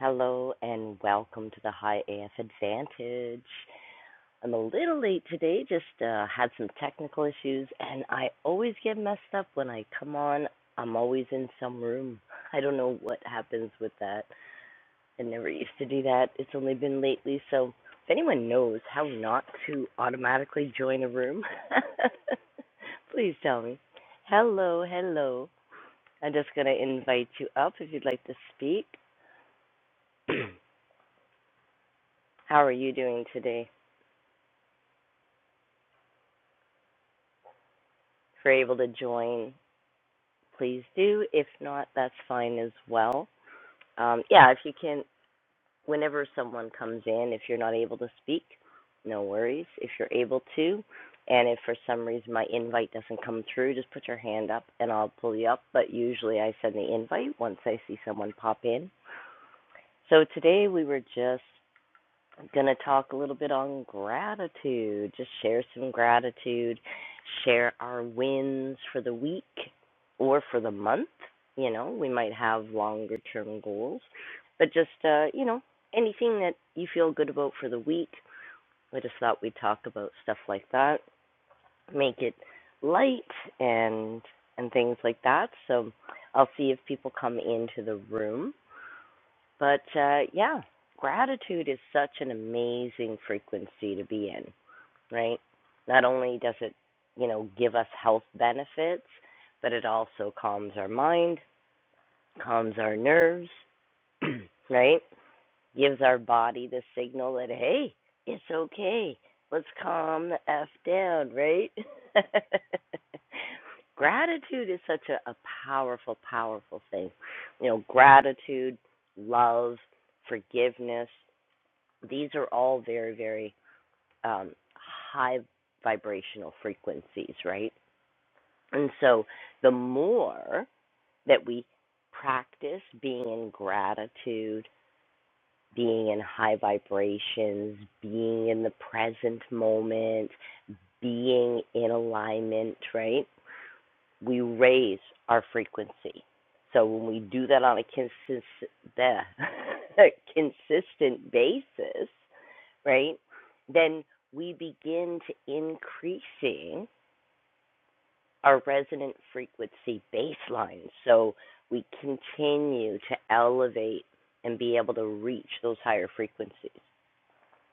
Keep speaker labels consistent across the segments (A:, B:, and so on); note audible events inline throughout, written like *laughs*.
A: Hello and welcome to the High AF Advantage. I'm a little late today, just uh, had some technical issues, and I always get messed up when I come on. I'm always in some room. I don't know what happens with that. I never used to do that. It's only been lately, so if anyone knows how not to automatically join a room, *laughs* please tell me. Hello, hello. I'm just going to invite you up if you'd like to speak. *clears throat* how are you doing today? if you're able to join, please do. If not, that's fine as well. Um, yeah, if you can, whenever someone comes in, if you're not able to speak, no worries. If you're able to, and if for some reason my invite doesn't come through, just put your hand up and I'll pull you up. But usually I send the invite once I see someone pop in. So today we were just I'm going to talk a little bit on gratitude, just share some gratitude, share our wins for the week or for the month. You know, we might have longer term goals, but just, uh, you know, anything that you feel good about for the week. I just thought we'd talk about stuff like that, make it light and and things like that. So I'll see if people come into the room. But uh, yeah, gratitude is such an amazing frequency to be in, right? Not only does it, you know, give us health benefits, but it also calms our mind, calms our nerves, *clears throat* right? gives our body the signal that hey, it's okay. Let's calm the f down, right? *laughs* gratitude is such a, a powerful, powerful thing. You know, gratitude, love, forgiveness. These are all very, very um, high vibrational frequencies, right? And so the more that we practice being in gratitude being in high vibrations, being in the present moment, being in alignment, right? We raise our frequency. So when we do that on a consist- the- *laughs* a consistent basis, right, then we begin to increasing our resonant frequency baseline. So we continue to elevate and be able to reach those higher frequencies.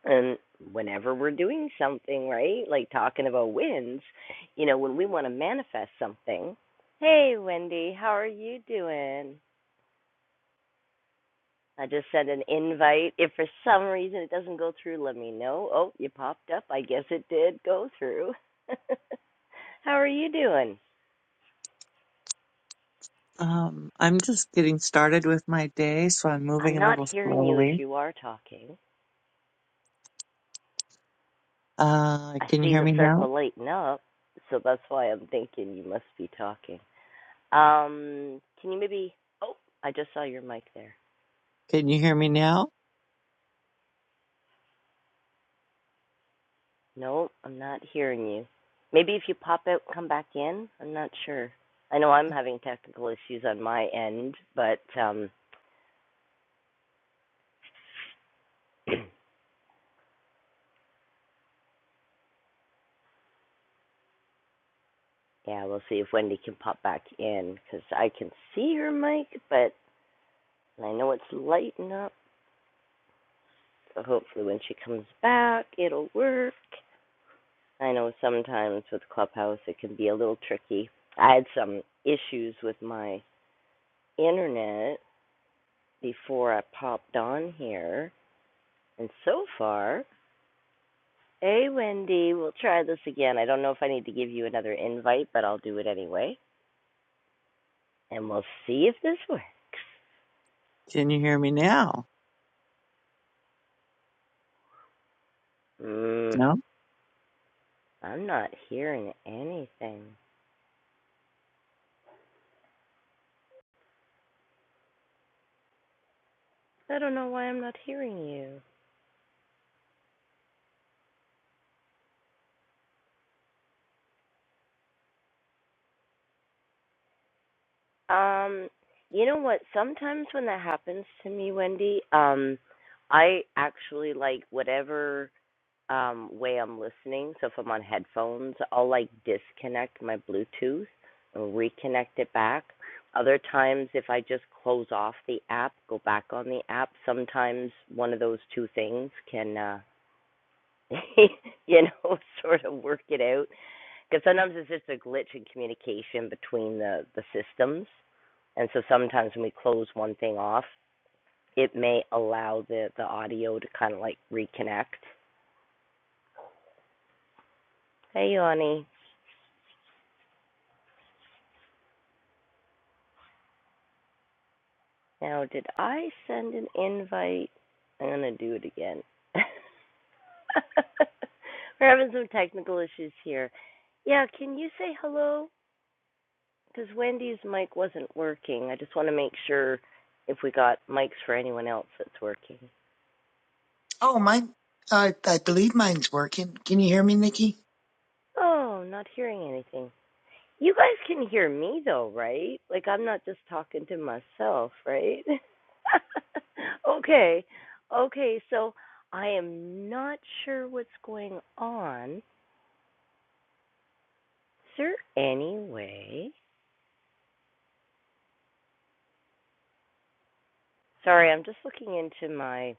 A: and whenever we're doing something, right? Like talking about wins, you know, when we want to manifest something, hey, Wendy, how are you doing? I just sent an invite. If for some reason it doesn't go through, let me know. Oh, you popped up. I guess it did go through. *laughs* how are you doing?
B: Um, I'm just getting started with my day, so I'm
A: I'm
B: moving a
A: not
B: little
A: hearing you if
B: slowly.
A: you are talking.
B: Uh,
A: I
B: can you
A: see
B: hear
A: the
B: me now?
A: circle lighting up, so that's why I'm thinking you must be talking. Um, can you maybe? I just saw your mic there.
B: Can you hear me now?
A: Nope, I'm not hearing you. Maybe if you pop out, and come back in. I'm not sure. I know I'm having technical issues on my end, but um, *clears throat* yeah, we'll see if Wendy can pop back in because I can see her mic, but I know it's lighting up. So hopefully, when she comes back, it'll work. I know sometimes with Clubhouse it can be a little tricky. I had some issues with my internet before I popped on here, and so far Hey, Wendy, we'll try this again. I don't know if I need to give you another invite, but I'll do it anyway. And we'll see if this works.
B: Can you hear me now?
A: Mm,
B: No?
A: I'm not hearing anything. I don't know why I'm not hearing you. Um, you know what? Sometimes when that happens to me, Wendy, um, I actually like whatever um, way I'm listening. So if I'm on headphones, I'll like disconnect my Bluetooth and reconnect it back. Other times, if I just close off the app, go back on the app, sometimes one of those two things can, uh, *laughs* you know, sort of work it out. Because sometimes it's just a glitch in communication between the, the systems. And so sometimes when we close one thing off, it may allow the, the audio to kind of like reconnect. Hey, Yanni. Now, did I send an invite? I'm going to do it again. *laughs* We're having some technical issues here. Yeah, can you say hello? Because Wendy's mic wasn't working. I just want to make sure if we got mics for anyone else that's working.
C: Oh, mine. I I believe mine's working. Can you hear me, Nikki?
A: Oh, not hearing anything. You guys can hear me though, right? Like I'm not just talking to myself, right? *laughs* okay. Okay, so I am not sure what's going on. Is there any way? Sorry, I'm just looking into my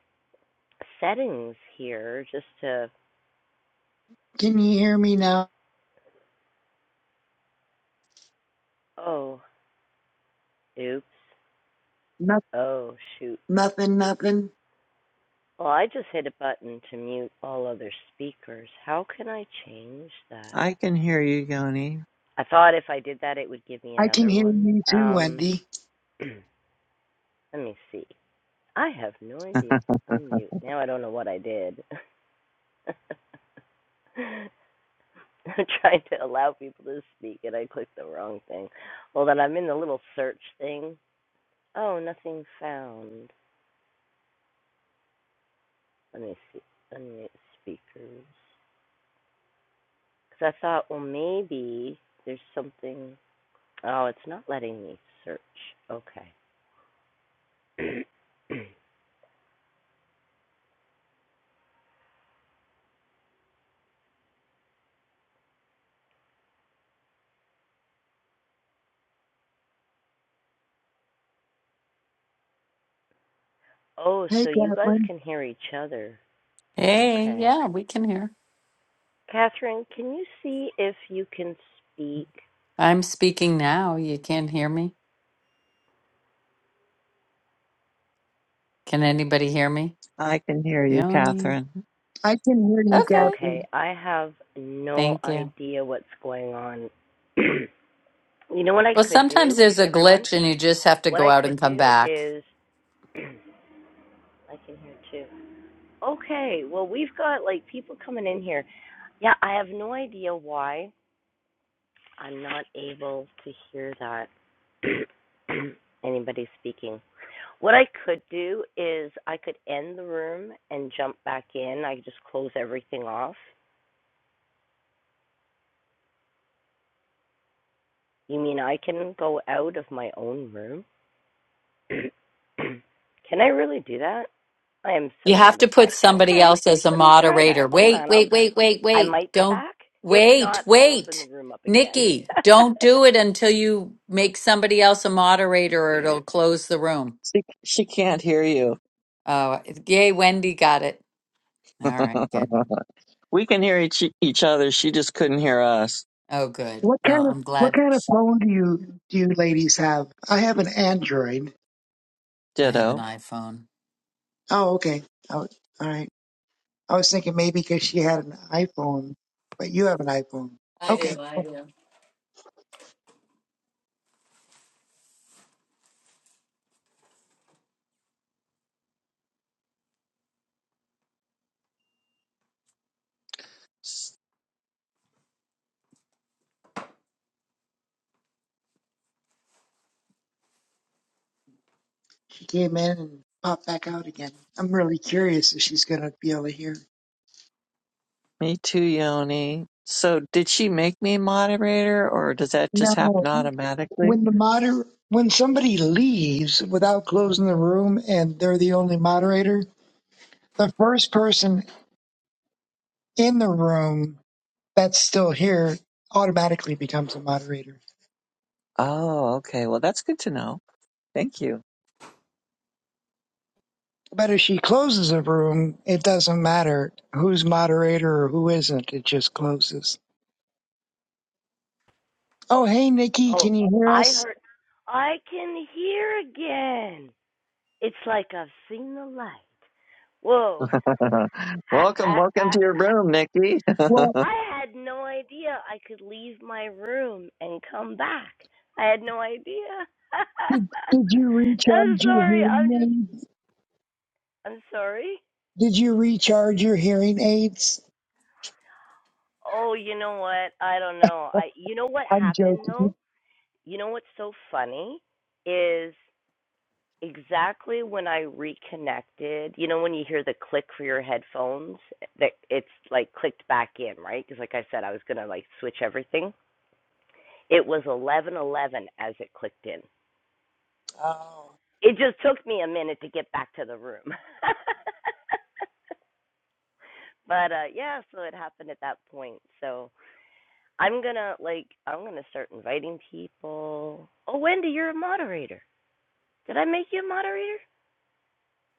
A: settings here just to.
C: Can you hear me now?
A: Oh, oops.
C: No,
A: Oh, shoot.
C: nothing, nothing.
A: Well, I just hit a button to mute all other speakers. How can I change that?
B: I can hear you, Yoni.
A: I thought if I did that, it would give me
C: I can
A: another
C: hear
A: one.
C: you too,
A: Um,
C: Wendy.
A: *clears throat* let me see. I have no idea. Unmute. Now I don't know what I did. *laughs* I'm trying to allow people to speak, and I clicked the wrong thing. Well, then I'm in the little search thing, Oh, nothing found. Let me see. Unmute speakers. Because I thought, well, maybe there's something. Oh, it's not letting me search. Okay. *clears throat* oh,
C: Hey,
A: so you guys
C: Gatlin.
A: can hear each other.
D: Hey,
A: Okay.
D: yeah, we can hear.
A: Catherine, can you see if you can speak?
D: I'm speaking now. You can't hear me. Can anybody hear me?
B: I can hear you,
D: Yoni.
B: Catherine.
C: I can hear you,
D: Okay.
A: Okay,
C: Gatlin.
A: I have no
D: Thank you.
A: idea what's going on. *clears throat* you know what I
D: Well,
A: could
D: sometimes
A: do,
D: there's a
A: everyone?
D: glitch and you just have to
A: What
D: go
A: I
D: out and
A: could
D: come
A: do
D: back.
A: is. *clears throat* I can hear too. Okay, well, we've got like people coming in here. Yeah, I have no idea why I'm not able to hear that *clears throat* anybody speaking. What I could do is I could end the room and jump back in. I just close everything off. You mean I can go out of my own room? *clears throat* can I really do that? I am
D: You
A: so
D: have
A: not a
D: to put
A: tech.
D: somebody
A: Okay,
D: else as a
A: let me try that.
D: moderator.
A: Hold
D: Wait,
A: on, I'll
D: wait, wait, wait,
A: I
D: wait.
A: might be
D: Don't
A: back. If
D: wait,
A: not, I'll open the
D: wait.
A: room up again.
D: Nikki, don't do it until you make somebody else a moderator or it'll
A: *laughs*
D: close the room.
B: She, she can't hear you.
D: Oh, yay, Wendy got it. All
B: *laughs*
D: right, good.
B: we can hear each, each other. She just couldn't hear us.
D: Oh, good.
C: What
D: Well,
C: kind of
D: I'm
C: what
D: glad.
C: kind of phone do you do you ladies have? I have an Android.
D: I have an
B: Ditto.
D: iPhone.
C: Oh, okay. Oh, all right. I was thinking maybe because she had an iPhone, but you have an iPhone.
D: I
C: Okay.
D: do, I do.
C: She came in and popped back out again. I'm really curious if she's gonna be able to hear.
B: Me too, Yoni. So did she make me moderator or does that just happen
C: No.
B: automatically?
C: when the moder when somebody leaves without closing the room and they're the only moderator, the first person in the room that's still here automatically becomes a moderator.
B: Oh, okay. Well, that's good to know. Thank you.
C: But if she closes the room, it doesn't matter who's moderator or who isn't. It just closes. Oh, hey, Nikki,
A: oh,
C: can you hear
A: I
C: us?
A: heard. I can hear again. It's like I've seen the light. Whoa.
B: *laughs* welcome, welcome to your
A: *laughs*
B: room, Nikki. *laughs*
C: Well,
A: I had no idea I could leave my room and come back. I had no idea.
C: did, did you
A: *laughs* I'm
C: recharge your
A: sorry.
C: hearing
A: I'm just.
C: aids?
A: I'm sorry.
C: Did you recharge your hearing aids?
A: Oh, you know what? I don't know. I. You know what
C: I'm
A: happened though?
C: joking.
A: you know what's so funny is exactly when I reconnected, you know when you hear the click for your headphones that it's like clicked back in, right? Cuz like I said I was going to like switch everything. It was 11:11 as it clicked in.
C: Oh.
A: It just took me a minute to get back to the room. *laughs* but uh yeah, so it happened at that point. So I'm going to like I'm going to start inviting people. Oh, Wendy, you're a moderator. Did I make you a moderator?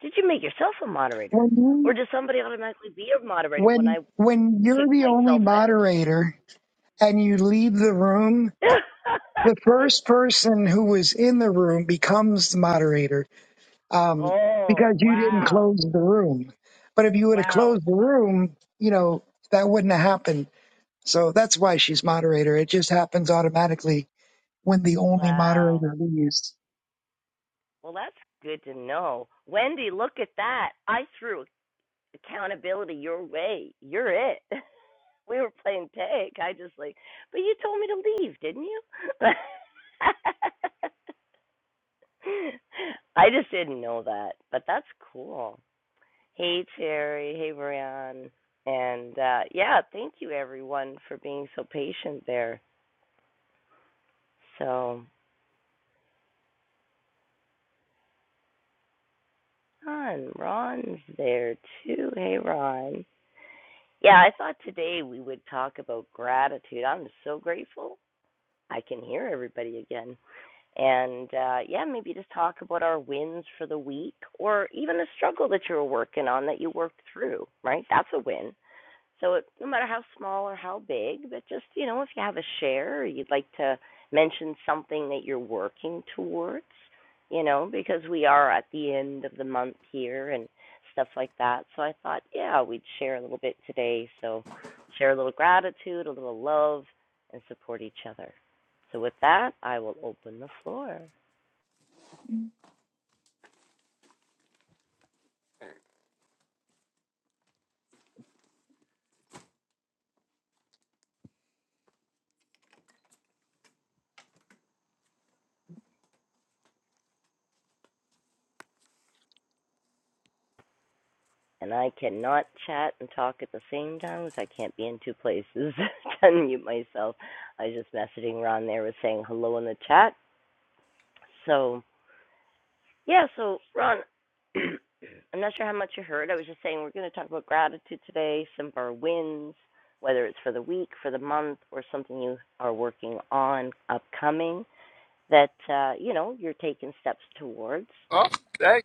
A: Did you make yourself a moderator?
C: when you.
A: Or does somebody automatically be a moderator when
C: when
A: I
C: when you're
A: kick
C: the only
A: myself
C: moderator and you leave the room,
A: out?
C: the first person who was in the room becomes the moderator
A: *laughs*
C: um,
A: oh,
C: because you didn't
A: wow.
C: close the room. But if you would have
A: Wow.
C: closed the room, you know that wouldn't have happened. So that's why she's moderator. It just happens automatically when the only
A: Wow.
C: moderator leaves.
A: Well, that's good to know. Wendy, look at that. I threw accountability your way. You're it. *laughs* We were playing tag. I just like, but you told me to leave, didn't you? *laughs* I just didn't know that, but that's cool. Hey Terry, hey Brian, and uh, yeah, thank you everyone for being so patient there. So Ron, Ron's there too. Hey Ron. Yeah, I thought today we would talk about gratitude. I'm so grateful I can hear everybody again, and uh, yeah, maybe just talk about our wins for the week, or even a struggle that you were working on that you worked through. Right, that's a win So it, no matter how small or how big, but just you know, if you have a share, or you'd like to mention something that you're working towards, you know, because we are at the end of the month here and stuff like that. So I thought, yeah, we'd share a little bit today. So share a little gratitude, a little love, and support each other. So with that, I will open the floor. and I cannot chat and talk at the same time because I can't be in two places *laughs* to unmute myself. I was just messaging Ron there with saying hello in the chat. So yeah, so Ron *clears throat* I'm not sure how much you heard. I was just saying we're gonna talk about gratitude today, some of our wins, whether it's for the week, for the month, or something you are working on upcoming that uh, you know, you're taking steps towards.
E: Oh, that,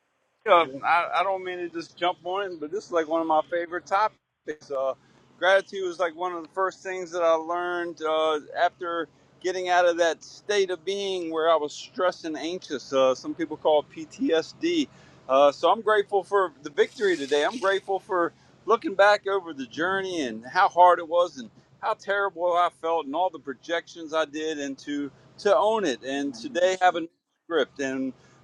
E: uh,
A: So
E: I, I don't mean to just jump on it, but this is like one of my favorite topics. Uh, gratitude was like one of the first things that I learned uh, after getting out of that state of being where I was stressed and anxious. Uh, some people call it PTSD. Uh, so I'm grateful for the victory today. I'm grateful for looking back over the journey and how hard it was and how terrible I felt and all the projections I did and to, to own it. And today have a new script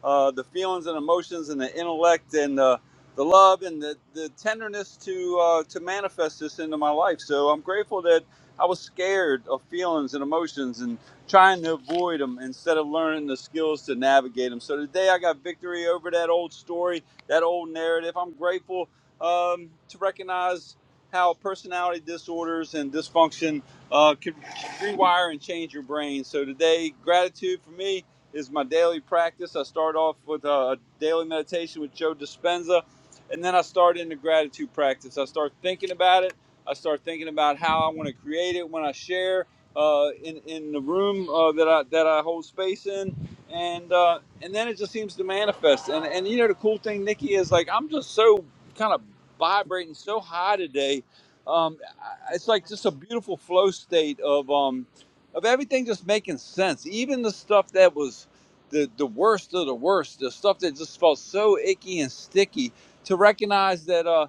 E: uh, the feelings and emotions and the intellect and uh, the love and the, the tenderness to uh, to manifest this into my life. So I'm grateful that I was scared of feelings and emotions and trying to avoid them instead of learning the skills to navigate them. So today I got victory over that old story, that old narrative. I'm grateful um, to recognize how personality disorders and dysfunction uh, can rewire and change your brain. So today, gratitude for me is my daily practice. I start off with uh, a daily meditation with Joe Dispenza, and then I start into gratitude practice. I start thinking about it. I start thinking about how I want to create it when I share uh, in in the room uh, that I that I hold space in, and uh, and then it just seems to manifest. And and you know the cool thing, Nikki, is like I'm just so kind of vibrating so high today. Um, I- it's like just a beautiful flow state of um, of everything just making sense. Even the stuff that was the the worst of the worst, the stuff that just felt so icky and sticky, to recognize that uh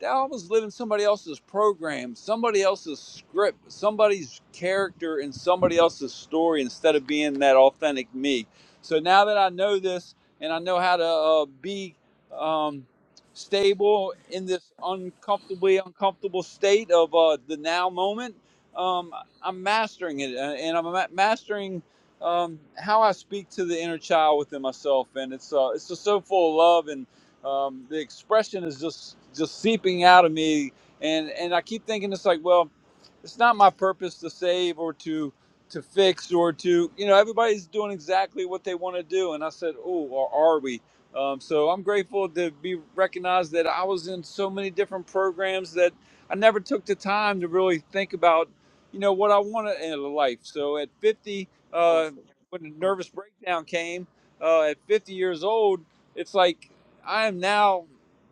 E: that I was living somebody else's program, somebody else's script, somebody's character and somebody else's story instead of being that authentic me. So now that I know this and I know how to uh, be um, stable in this uncomfortably uncomfortable state of uh, the now moment, um, I'm mastering it, uh, and I'm mastering um, how I speak to the inner child within myself, and it's uh, it's just so full of love, and um, the expression is just just seeping out of me, and and I keep thinking it's like, well, it's not my purpose to save or to to fix or to you know everybody's doing exactly what they want to do, and I said, oh, or are we? Um, so I'm grateful to be recognized that I was in so many different programs that I never took the time to really think about you know what I wanted in life. So at 50, uh, when the nervous breakdown came, uh, at 50 years old, it's like I am now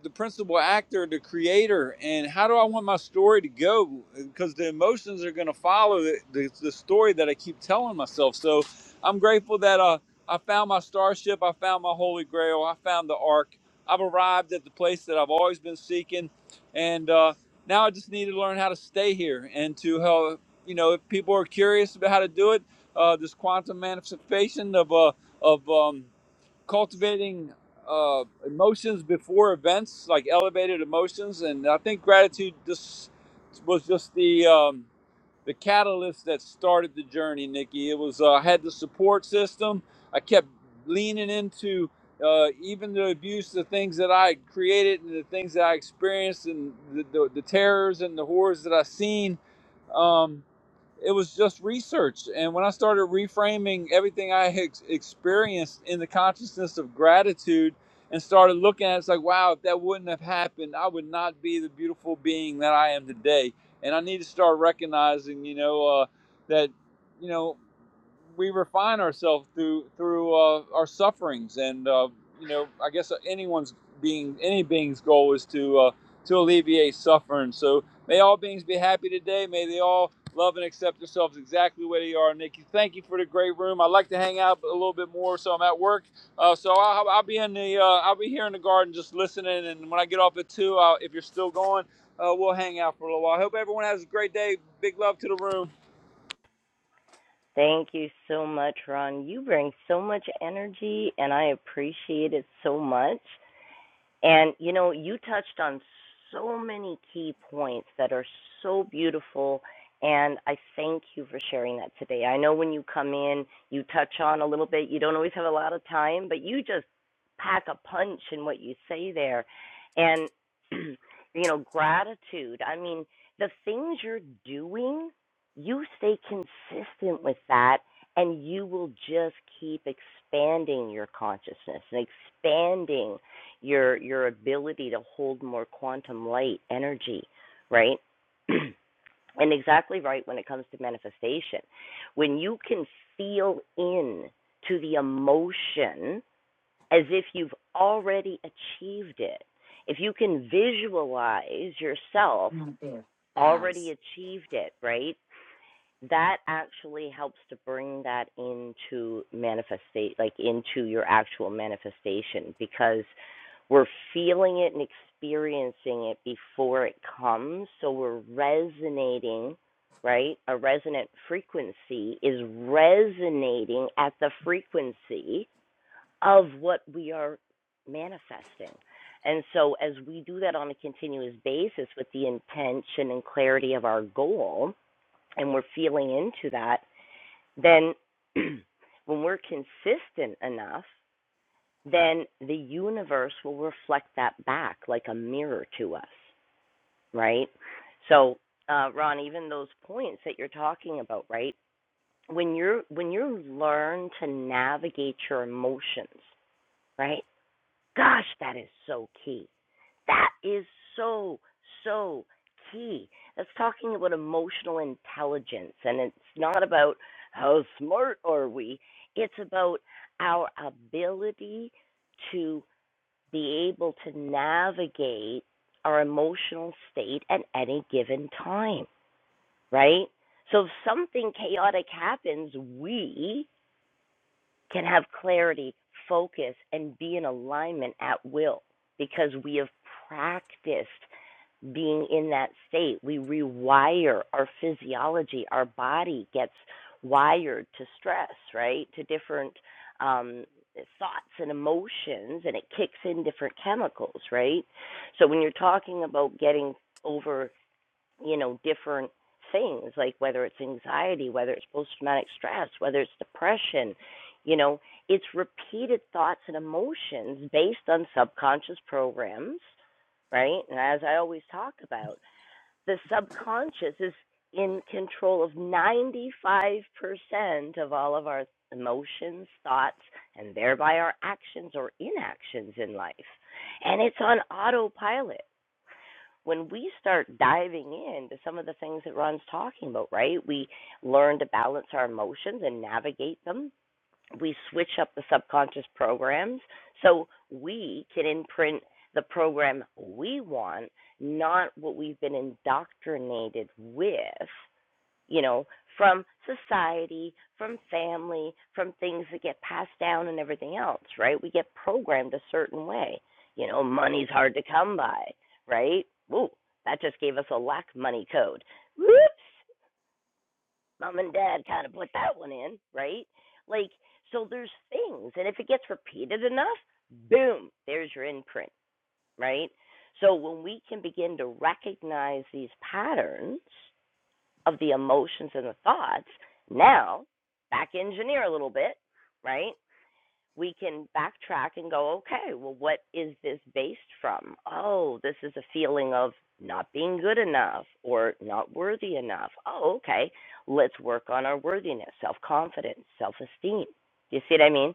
E: the principal actor, the creator, and how do I want my story to go? Because the emotions are going to follow the, the, the story that I keep telling myself. So I'm grateful that uh, I found my starship, I found my holy grail, I found the ark. I've arrived at the place that I've always been seeking, and uh, now I just need to learn how to stay here and to help you know, if people are curious about how to do it, uh, this quantum manifestation of uh, of um, cultivating uh, emotions before events, like elevated emotions, and I think gratitude just was just the um, the catalyst that started the journey, Nikki. It was uh, I had the support system. I kept leaning into uh, even the abuse, the things that I created, and the things that I experienced, and the, the, the terrors and the horrors that I seen. Um, it was just research. And when I started reframing everything I had experienced in the consciousness of gratitude and started looking at it, it's like, wow, if that wouldn't have happened, I would not be the beautiful being that I am today. And I need to start recognizing, you know, uh, that, you know, we refine ourselves through through uh, our sufferings, and uh, you know, I guess anyone's being any being's goal is to uh, to alleviate suffering. So may all beings be happy today. May they all Love and accept yourselves exactly where you are, Nikki. Thank you for the great room. I like to hang out a little bit more, so I'm at work. Uh, so I'll, I'll be in the, uh, I'll be here in the garden just listening. And when I get off at two, I'll, if you're still going, uh, we'll hang out for a little while. I Hope everyone has a great day. Big love to the room.
A: Thank you so much, Ron. You bring so much energy, and I appreciate it so much. And you know, you touched on so many key points that are so beautiful. And I thank you for sharing that today. I know when you come in, you touch on a little bit. You don't always have a lot of time, but you just pack a punch in what you say there. And, *clears throat* you know, gratitude. I mean, the things you're doing, you stay consistent with that, and you will just keep expanding your consciousness and expanding your your ability to hold more quantum light energy, right? *clears throat* and exactly right when it comes to manifestation. When you can feel in to the emotion as if you've already achieved it. If you can visualize yourself
D: Not there.
A: already
D: Baz.
A: achieved it, right? that actually helps to bring that into manifestate like into your actual manifestation because we're feeling it and experiencing it before it comes so we're resonating right a resonant frequency is resonating at the frequency of what we are manifesting and so as we do that on a continuous basis with the intention and clarity of our goal and we're feeling into that, then *clears throat* when we're consistent enough, then the universe will reflect that back like a mirror to us, right? So, uh, Ron, even those points that you're talking about, right? When you're when you learn to navigate your emotions, right? Gosh, that is so key. That is so, so key. That's talking about emotional intelligence. And it's not about how smart are we, it's about our ability to be able to navigate our emotional state at any given time, right? So if something chaotic happens, we can have clarity, focus, and be in alignment at will because we have practiced being in that state. We rewire our physiology, our body gets wired to stress, right? To different um, thoughts and emotions, and it kicks in different chemicals, right? So when you're talking about getting over you know, different things, like whether it's anxiety, whether it's post traumatic stress, whether it's depression, you know, it's repeated thoughts and emotions based on subconscious programs, right? And as I always talk about, the subconscious is in control of 95% of all of our emotions, thoughts, and thereby our actions or inactions in life. And it's on autopilot when we start diving into some of the things that Ron's talking about, right? We learn to balance our emotions and navigate them. We switch up the subconscious programs so we can imprint the program we want, not what we've been indoctrinated with you know, from society, from family, from things that get passed down and everything else, right? We get programmed a certain way. You know, money's hard to come by, right? Ooh, that just gave us a lack money code. Whoops, mom and dad kind of put that one in, right? Like, so there's things, and if it gets repeated enough, boom, there's your imprint, right? So when we can begin to recognize these patterns, of the emotions and the thoughts. Now, back engineer a little bit, right? We can backtrack and go, okay, well, what is this based from? Oh, this is a feeling of not being good enough or not worthy enough. Oh, okay, let's work on our worthiness, self confidence, self esteem. You see what I mean?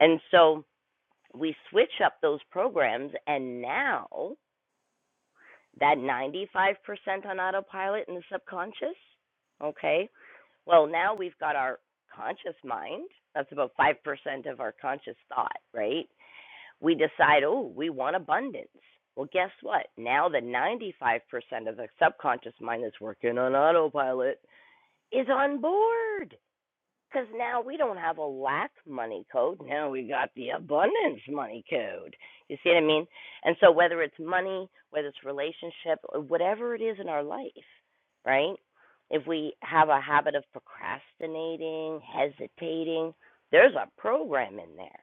A: And so we switch up those programs, and now that 95% on autopilot in the subconscious, okay, well, now we've got our conscious mind. That's about 5% of our conscious thought, right? We decide, oh, we want abundance. Well, guess what? Now the 95% of the subconscious mind that's working on autopilot is on board. Because now we don't have a lack money code. Now we got the abundance money code. You see what I mean? And so, whether it's money, whether it's relationship, or whatever it is in our life, right? If we have a habit of procrastinating, hesitating, there's a program in there,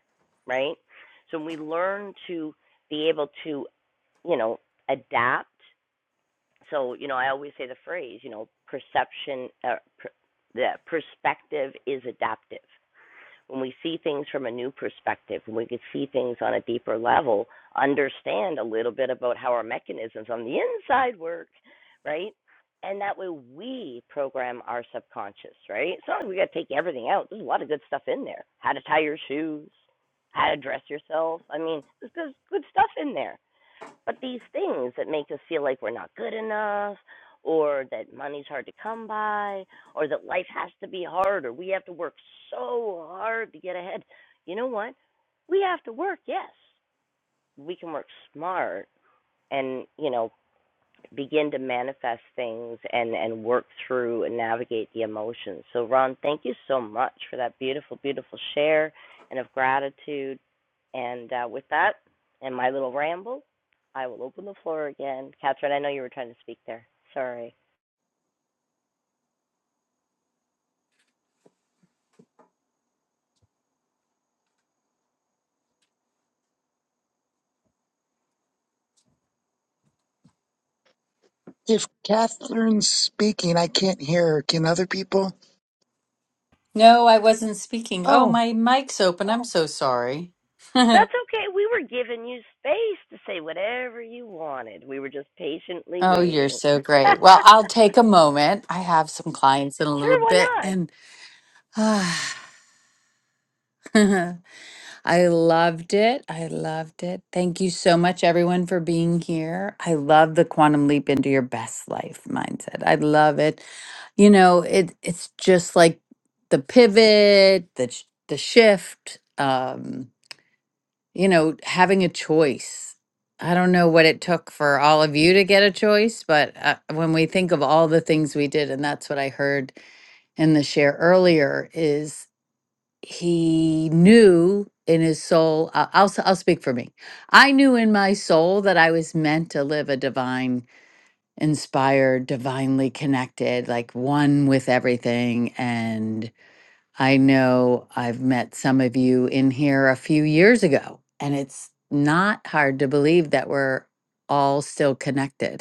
A: right? So, we learn to be able to, you know, adapt. So, you know, I always say the phrase, you know, perception, uh, per, the perspective is adaptive when we see things from a new perspective, when we could see things on a deeper level, understand a little bit about how our mechanisms on the inside work, right? And that way we program our subconscious, right? It's not like we got to take everything out. There's a lot of good stuff in there. How to tie your shoes, how to dress yourself. I mean, there's there's good stuff in there. But these things that make us feel like we're not good enough, or that money's hard to come by, or that life has to be hard, or we have to work so hard to get ahead. You know what? We have to work, yes. We can work smart and, you know, begin to manifest things and and work through and navigate the emotions. So Ron, thank you so much for that beautiful beautiful share and of gratitude. And uh, with that and my little ramble, I will open the floor again. Catherine, I know you were trying to speak there. Sorry.
C: If Catherine's speaking, I can't hear. her. Can other people?
D: No, I wasn't speaking.
C: Oh.
D: Oh, my mic's open. I'm Oh. so sorry. *laughs*
A: That's okay. We were giving you space to say whatever you wanted. We were just patiently
D: Oh, you're
A: waiting. *laughs*
D: so
A: sure,
D: great. Well, I'll take a moment. I have some clients in a little
A: why
D: bit
A: not?
D: and *sighs* *laughs* I loved it. I loved it. Thank you so much, everyone, for being here. I love the quantum leap into your best life mindset. I love it. You know, it it's just like the pivot, the sh- the shift. Um, you know, having a choice. I don't know what it took for all of you to get a choice, but uh, when we think of all the things we did, and that's what I heard in the share earlier, is he knew in his soul I- I'll, s- I'll speak for me i knew in my soul that i was meant to live a divine inspired divinely connected like one with everything and i know i've met some of you in here a few years ago and it's not hard to believe that we're all still connected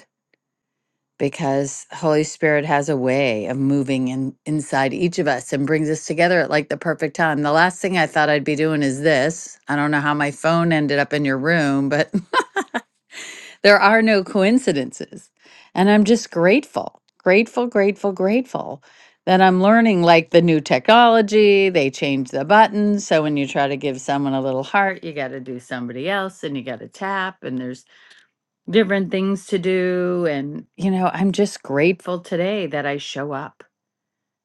D: because Holy Spirit has a way of moving in, inside each of us and brings us together at like the perfect time. The last thing I thought I'd be doing is this. I don't know how my phone ended up in your room, but *laughs* there are no coincidences. And I'm just grateful, grateful, grateful, grateful that I'm learning like the new technology. They change the buttons. So when you try to give someone a little heart, you got to do somebody else and you got to tap. And there's different things to do and you know i'm just grateful today that i show up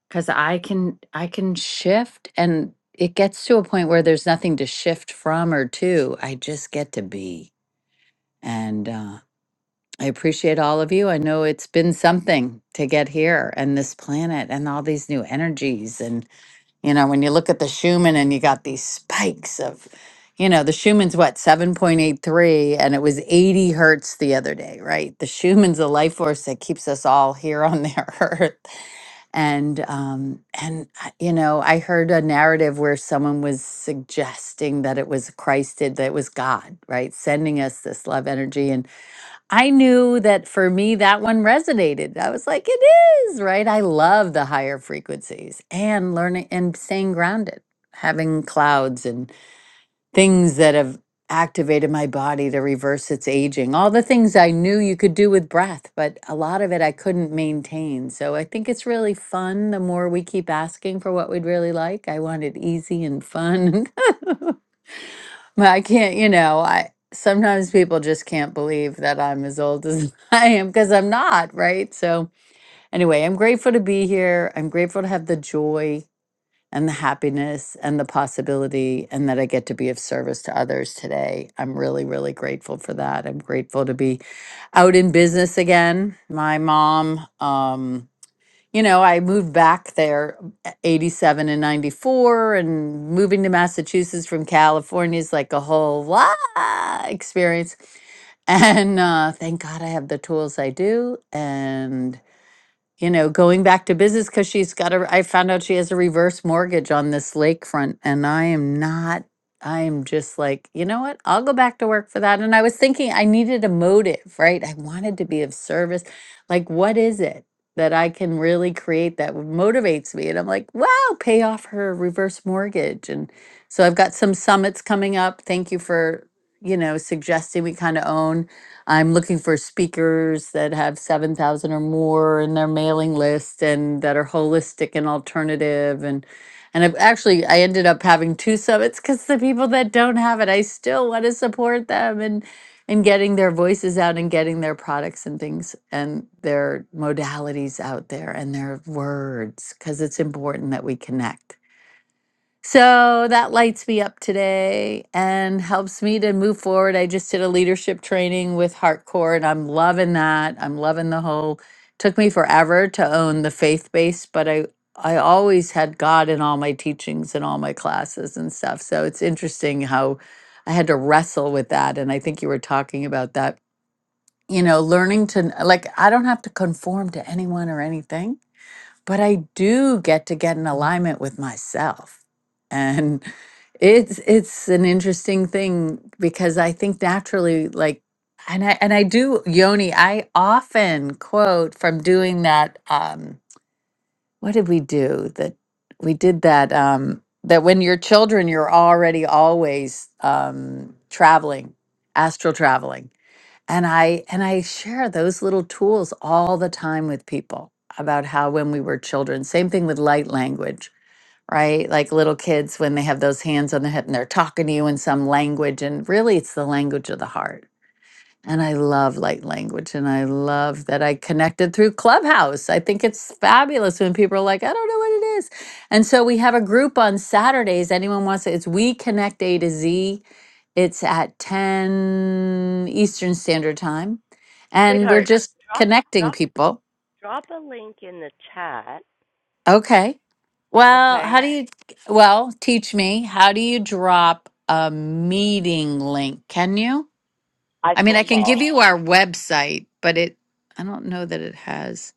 D: because i can i can shift and it gets to a point where there's nothing to shift from or to i just get to be and uh, i appreciate all of you i know it's been something to get here and this planet and all these new energies and you know, when you look at the Schumann and you got these spikes of, you know, the Schumann's what, 7.83, and it was 80 hertz the other day, right? The Schumann's a life force that keeps us all here on the *laughs* earth. And, um, and, I- you know, I heard a narrative where someone was suggesting that it was Christ did, that it was God, right? Sending us this love energy. and. I knew that for me, that one resonated. I was like, it is, right? I love the higher frequencies and learning and staying grounded, having clouds and things that have activated my body to reverse its aging. All the things I knew you could do with breath, but a lot of it I couldn't maintain. So I think it's really fun the more we keep asking for what we'd really like. I want it easy and fun. *laughs* Well, I can't, you know, I sometimes people just can't believe that I'm as old as *laughs* I am because I'm not, right? So, anyway, I'm grateful to be here. I'm grateful to have the joy and the happiness and the possibility and that I get to be of service to others today. I'm really, really grateful for that. I'm grateful to be out in business again. My mom, um, you know, I moved back there at 87 and 94 and moving to Massachusetts from California is like a whole lot experience. And uh, thank God I have the tools I do. And you know, going back to business because she's got a. I found out she has a reverse mortgage on this lakefront, and I am not. I am just like, you know what? I'll go back to work for that. And I was thinking I needed a motive, right? I wanted to be of service. Like, what is it that I can really create that motivates me? And I'm like, wow, pay off her reverse mortgage. And so I've got some summits coming up. Thank you for, you know, suggesting we kind of own. I'm looking for speakers that have 7,000 or more in their mailing list and that are holistic and alternative and and I've actually I ended up having two summits cuz the people that don't have it I still want to support them and and getting their voices out and getting their products and things and their modalities out there and their words cuz it's important that we connect. So that lights me up today and helps me to move forward. I just did a leadership training with Heartcore and I'm loving that. I'm loving the whole took me forever to own the faith base, but I I always had God in all my teachings and all my classes and stuff. So it's interesting how I had to wrestle with that and I think you were talking about that. You know, learning to like I don't have to conform to anyone or anything but I do get to get in alignment with myself. And *laughs* it's it's an interesting thing because I think naturally like and I and I do Yoni, I often quote from doing that um what did we do that we did that um that when you're children you're already always um traveling, astral traveling and i and i share those little tools all the time with people about how when we were children same thing with light language right like little kids when they have those hands on their hip and they're talking to you in some language and really it's the language of the heart and I love light language and I love that I connected through Clubhouse. I think it's fabulous when people are like, I don't know what it is. And so we have a group on Saturdays. Anyone wants to, it's We Connect A to Z. It's at 10 Eastern Standard Time. And we're
A: Sweetheart,
D: just
A: drop
D: connecting
A: drop
D: people.
A: drop a link in the chat
D: Okay. Well, how
A: Okay.
D: do you, well, teach me, how do you drop a meeting link? Can you?
A: I
D: I mean,
A: said,
D: I can give
A: well,
D: you our website, but it, I don't know that it has.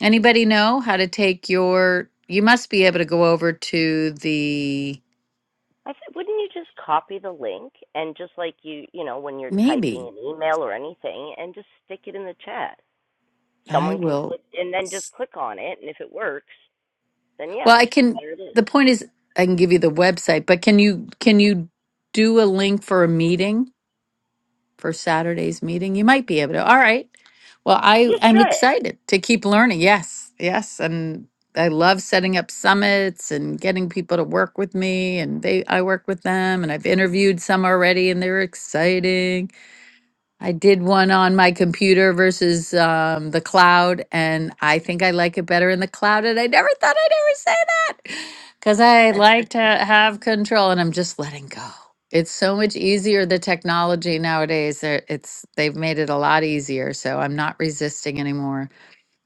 D: Anybody know how to take your, you must be able to go over to the,
A: I said, wouldn't you just copy the link and just like you, you know, when you're typing
D: maybe
A: an email or anything, and just stick it in the chat.
D: I
A: Someone can
D: will.
A: click and then just click on it, and if it works, then
D: Well,
A: yeah,
D: I can,
A: there it is.
D: the point is, I can give you the website, but can you, can you do a link for a meeting? for Saturday's meeting. You might be able to. All right. Well, I
A: Just
D: I'm
A: try it.
D: excited to keep learning. Yes, yes, and I love setting up summits and getting people to work with me, and they I work with them, and I've interviewed some already, and they're exciting. I did one on my computer versus um, the cloud, and I think I like it better in the cloud. And I never thought I'd ever say that because I like to have control, and I'm just letting go. It's so much easier the technology nowadays. they're- It's they've made it a lot easier, so I'm not resisting anymore.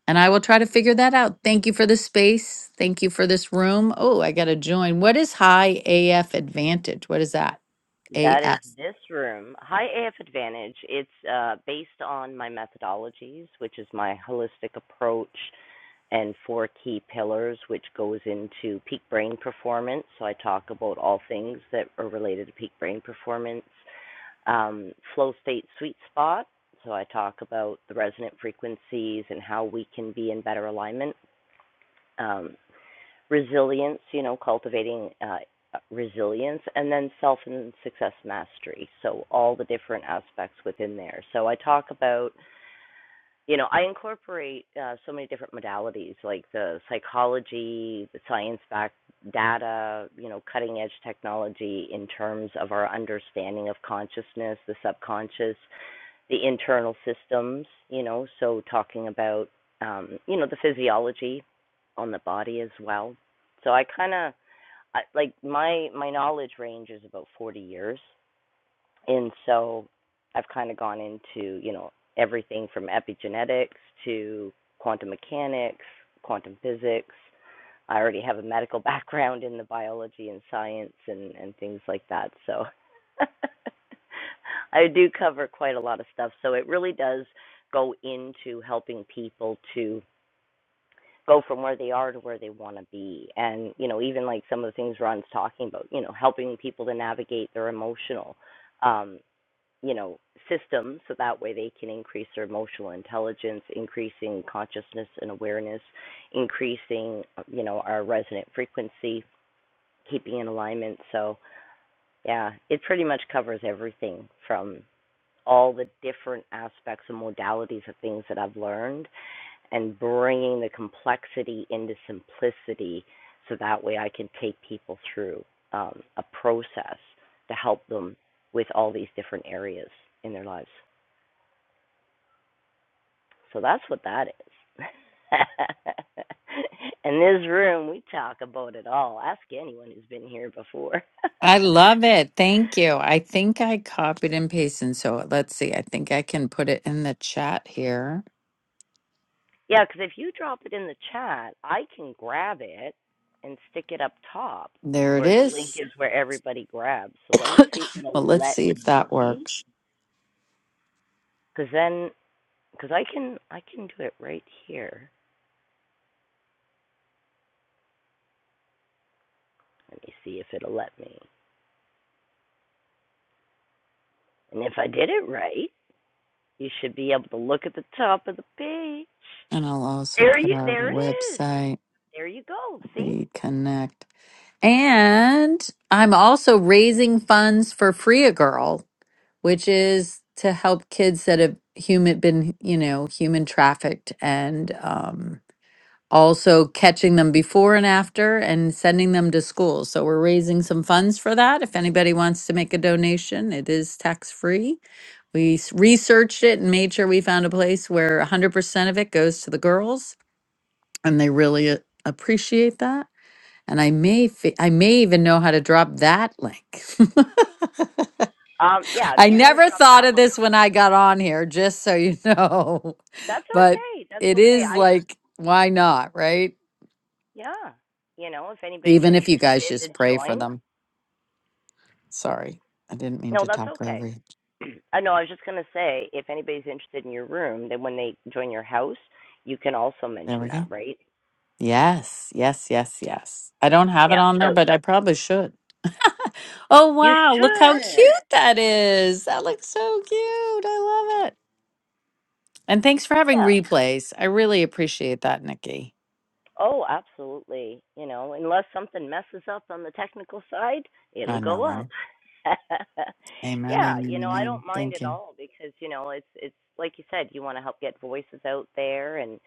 D: And I will try to figure that out. Thank you for the space. Thank you for this room. Oh, I got to join. What is high AF advantage? What is that?
A: That is
D: AF.
A: this room. High AF Advantage. It's uh, based on my methodologies, which is my holistic approach and four key pillars, which goes into peak brain performance. So I talk about all things that are related to peak brain performance um, flow state sweet spot. So I talk about the resonant frequencies and how we can be in better alignment. Um, resilience, you know, cultivating uh, resilience, and then self and success mastery. So all the different aspects within there. So I talk about, you know, I incorporate uh, so many different modalities like the psychology, the science backed data, you know, cutting edge technology in terms of our understanding of consciousness, the subconscious, the internal systems, you know, so talking about, um, you know, the physiology on the body as well. So I kind of like my my knowledge range is about 40 years, and so I've kind of gone into, you know, everything from epigenetics to quantum mechanics, quantum physics, I already have a medical *laughs* background in the biology and science and and things like that. So *laughs* I do cover quite a lot of stuff. So it really does go into helping people to go from where they are to where they want to be. And you know, even like some of the things Ron's talking about, you know, helping people to navigate their emotional. um, you know, system so that way they can increase their emotional intelligence, increasing consciousness and awareness, increasing, uh, you know, our resonant frequency, keeping in alignment. So, yeah, it pretty much covers everything from all the different aspects and modalities of things that I've learned and bringing the complexity into simplicity so that way I can take people through um, a process to help them with all these different areas in their lives. So that's what that is. *laughs* In this room, we talk about it all. Ask anyone who's been here before.
D: I love it. Thank you. I think I copied and pasted. So let's see. I think I can put it in the chat here.
A: *laughs* yeah, because if you drop it in the chat, I can grab it and stick it up top
D: There it
A: where the link
D: is.
A: is where everybody grabs. So let
D: *coughs*
A: me see if
D: well,
A: it'll
D: let's
A: let
D: see if that
A: me.
D: works.
A: Because then, because I can, I can do it right here. Let me see if it'll let me. And if I did it right, you should be able to look at the top of the page.
D: And I'll also
A: There
D: put
A: you
D: our
A: there it is.
D: website,
A: There you go. See?
D: We Connect. And I'm also raising funds for Free a Girl, which is to help kids that have human been, you know, human trafficked and um also catching them before and after and sending them to school. So we're raising some funds for that. If anybody wants to make a donation, it is tax free. We s- researched it and made sure we found a place where 100% of it goes to the girls, and they really uh, appreciate that. And I may, fi- I may even know how to drop that link.
A: Um yeah,
D: *laughs*
A: if
D: I
A: you want to
D: never
A: drop
D: thought
A: that
D: of
A: one,
D: this when I got on here, just so you know.
A: that's
D: *laughs* But
A: okay. That's
D: it
A: okay.
D: is
A: I
D: like, why not, right?
A: yeah. You know, if anybody's
D: Even if you guys
A: interested to
D: just pray for
A: join,
D: them. Sorry, I didn't mean
A: no,
D: to
A: that's
D: talk over
A: okay.
D: you.
A: *clears throat* I know I was just going to say if anybody's interested in your room, then when they join your house, you can also
D: There
A: mention
D: we
A: that,
D: go.
A: right?
D: Yes, yes, yes, yes. I don't have it
A: Yeah,
D: on there,
A: so
D: but I probably should. Oh,
A: you
D: wow. Look how
A: should.
D: cute that is. That looks so cute. I love it. And thanks for having
A: Yeah.
D: replays. I really appreciate that, Nikki.
A: Oh, absolutely. You know, unless something messes up on the technical side, it'll
D: I know,
A: go
D: right?
A: up. *laughs*
D: Amen,
A: yeah, you
D: amen,
A: know, I
D: amen.
A: don't mind
D: Thank
A: at
D: you.
A: all because, you know, it's it's like you said, you want to help get voices out there and,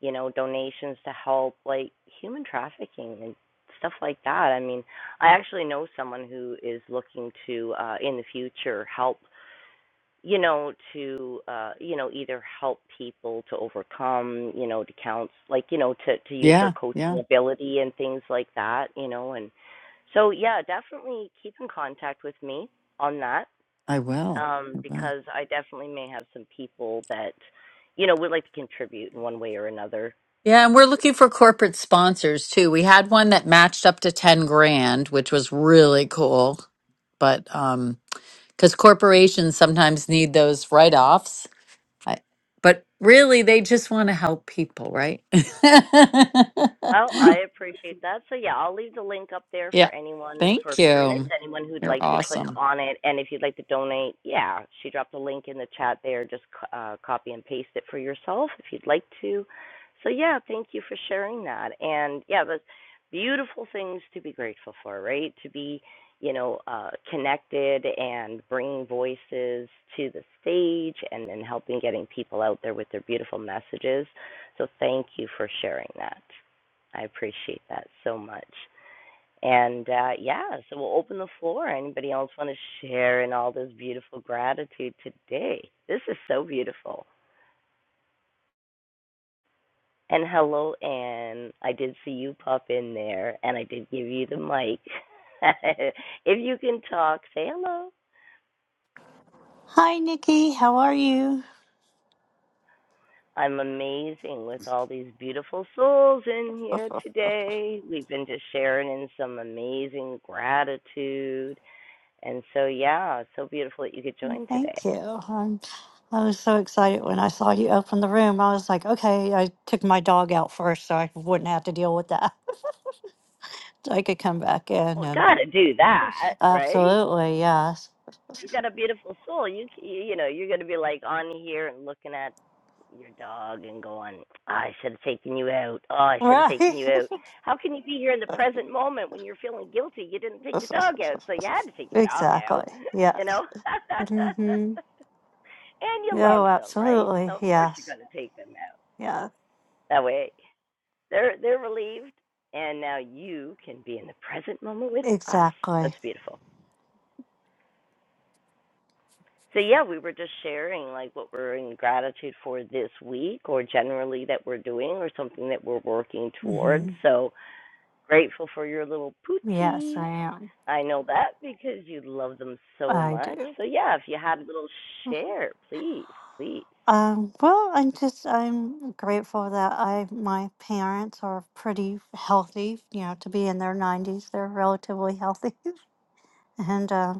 A: you know, donations to help like human trafficking and stuff like that. I mean, I actually know someone who is looking to uh in the future help you know to uh you know either help people to overcome you know to counsel like you know to to use her
D: Yeah,
A: coaching
D: yeah,
A: ability and things like that you know and so yeah definitely keep in contact with me on that
D: I will.
A: um
D: I will.
A: because i definitely may have some people that you know would like to contribute in one way or another
D: Yeah, and we're looking for corporate sponsors too. We had one that matched up to 10 grand, which was really cool. But um because corporations sometimes need those write-offs. I, but really, they just want to help people, right? *laughs*
A: Well,
D: Oh.
A: I appreciate that. So yeah, I'll leave the link up there for
D: yeah.
A: anyone for
D: Thank
A: a few minutes.
D: you.
A: Anyone who'd
D: You're
A: like to click
D: awesome.
A: on it, and if you'd like to donate, yeah, she dropped a link in the chat there. Just uh, copy and paste it for yourself if you'd like to. So yeah, thank you for sharing that. And yeah, that's beautiful things to be grateful for, right? To be, you know, uh, connected and bringing voices to the stage, and then helping getting people out there with their beautiful messages. So thank you for sharing that. I appreciate that so much. And uh, yeah, so we'll open the floor. Anybody else want to share in all this beautiful gratitude today? This is so beautiful. And hello, Anne. I did see you pop in there, and I did give you the mic. *laughs* if you can talk, say hello.
F: Hi, Nikki. How are you?
A: I'm amazing with all these beautiful souls in here today. We've been just sharing in some amazing gratitude. And so, yeah, it's so beautiful that you could join today.
F: Thank you. I'm, I was so excited when I saw you open the room. I was like, okay, I took my dog out first so I wouldn't have to deal with that. *laughs* So I could come back in
A: Well,
F: and
A: gotta do that, right?
F: absolutely, yes.
A: You got a beautiful soul. You c- you know you're gonna be like on here and looking at your dog and going, oh, I should have taken you out. Oh, I should have
F: Right.
A: taken you out. How can you be here in the present moment when you're feeling guilty? You didn't take your dog out, so you had to
F: *laughs*
A: take your dog
F: exactly.
A: out. *laughs* You
F: Yes.
A: know.
F: Mm-hmm.
A: *laughs* and you
F: Oh,
A: love them, right?
F: absolutely.
A: So of course you're
F: Yes.
A: gonna take them out.
F: Yeah.
A: That way they're they're relieved, and now you can be in the present moment with us.
F: Exactly.
A: That's beautiful. So yeah, we were just sharing like what we're in gratitude for this week or generally that we're doing or something that we're working towards.
F: Mm-hmm.
A: So grateful for your little
F: Yes,
A: poochie.
F: I am.
A: I know that because you love them so
F: I
A: much.
F: do.
A: So yeah, if you had a little share, please, please.
F: Um, well, I'm just I'm grateful that I my parents are pretty healthy. You know, to be in their 90s, they're relatively healthy, *laughs* and uh,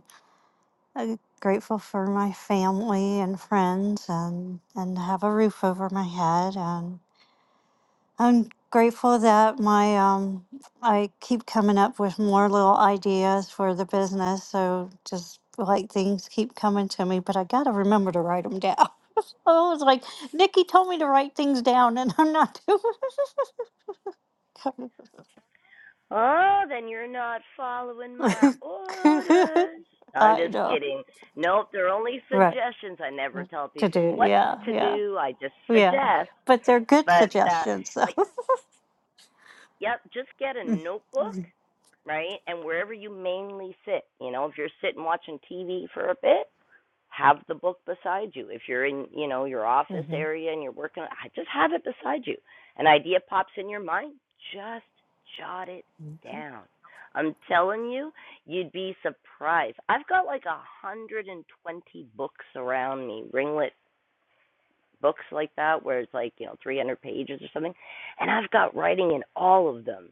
F: I'm grateful for my family and friends, and and have a roof over my head, and. I'm grateful that my um I keep coming up with more little ideas for the business, so just like things keep coming to me, but I gotta remember to write them down. *laughs* Oh, it's like Nikki told me to write things down, and I'm not *laughs* doing
A: Oh, then you're not following my
F: it.
A: orders.
F: *laughs*
A: No, I'm
F: I
A: just
F: know,
A: kidding. Nope, they're only
F: right?
A: suggestions. I never
F: yeah,
A: tell
F: To
A: people
F: do,
A: what
F: yeah,
A: to
F: yeah,
A: do. I just
F: yeah.
A: suggest.
F: But they're good
A: But uh
F: suggestions,
A: like Yep, just get a notebook,
F: though.
A: right? And wherever you mainly sit, you know, if you're sitting watching TV for a bit, have the book beside you. If you're in, you know, your office
F: *laughs*
A: area and you're working, I just have it beside you. An idea pops in your mind, just jot it down. I'm telling you, you'd be surprised. I've got like a hundred and twenty books around me, ringlet books like that, where it's like you know 300 pages or something, and I've got writing in all of them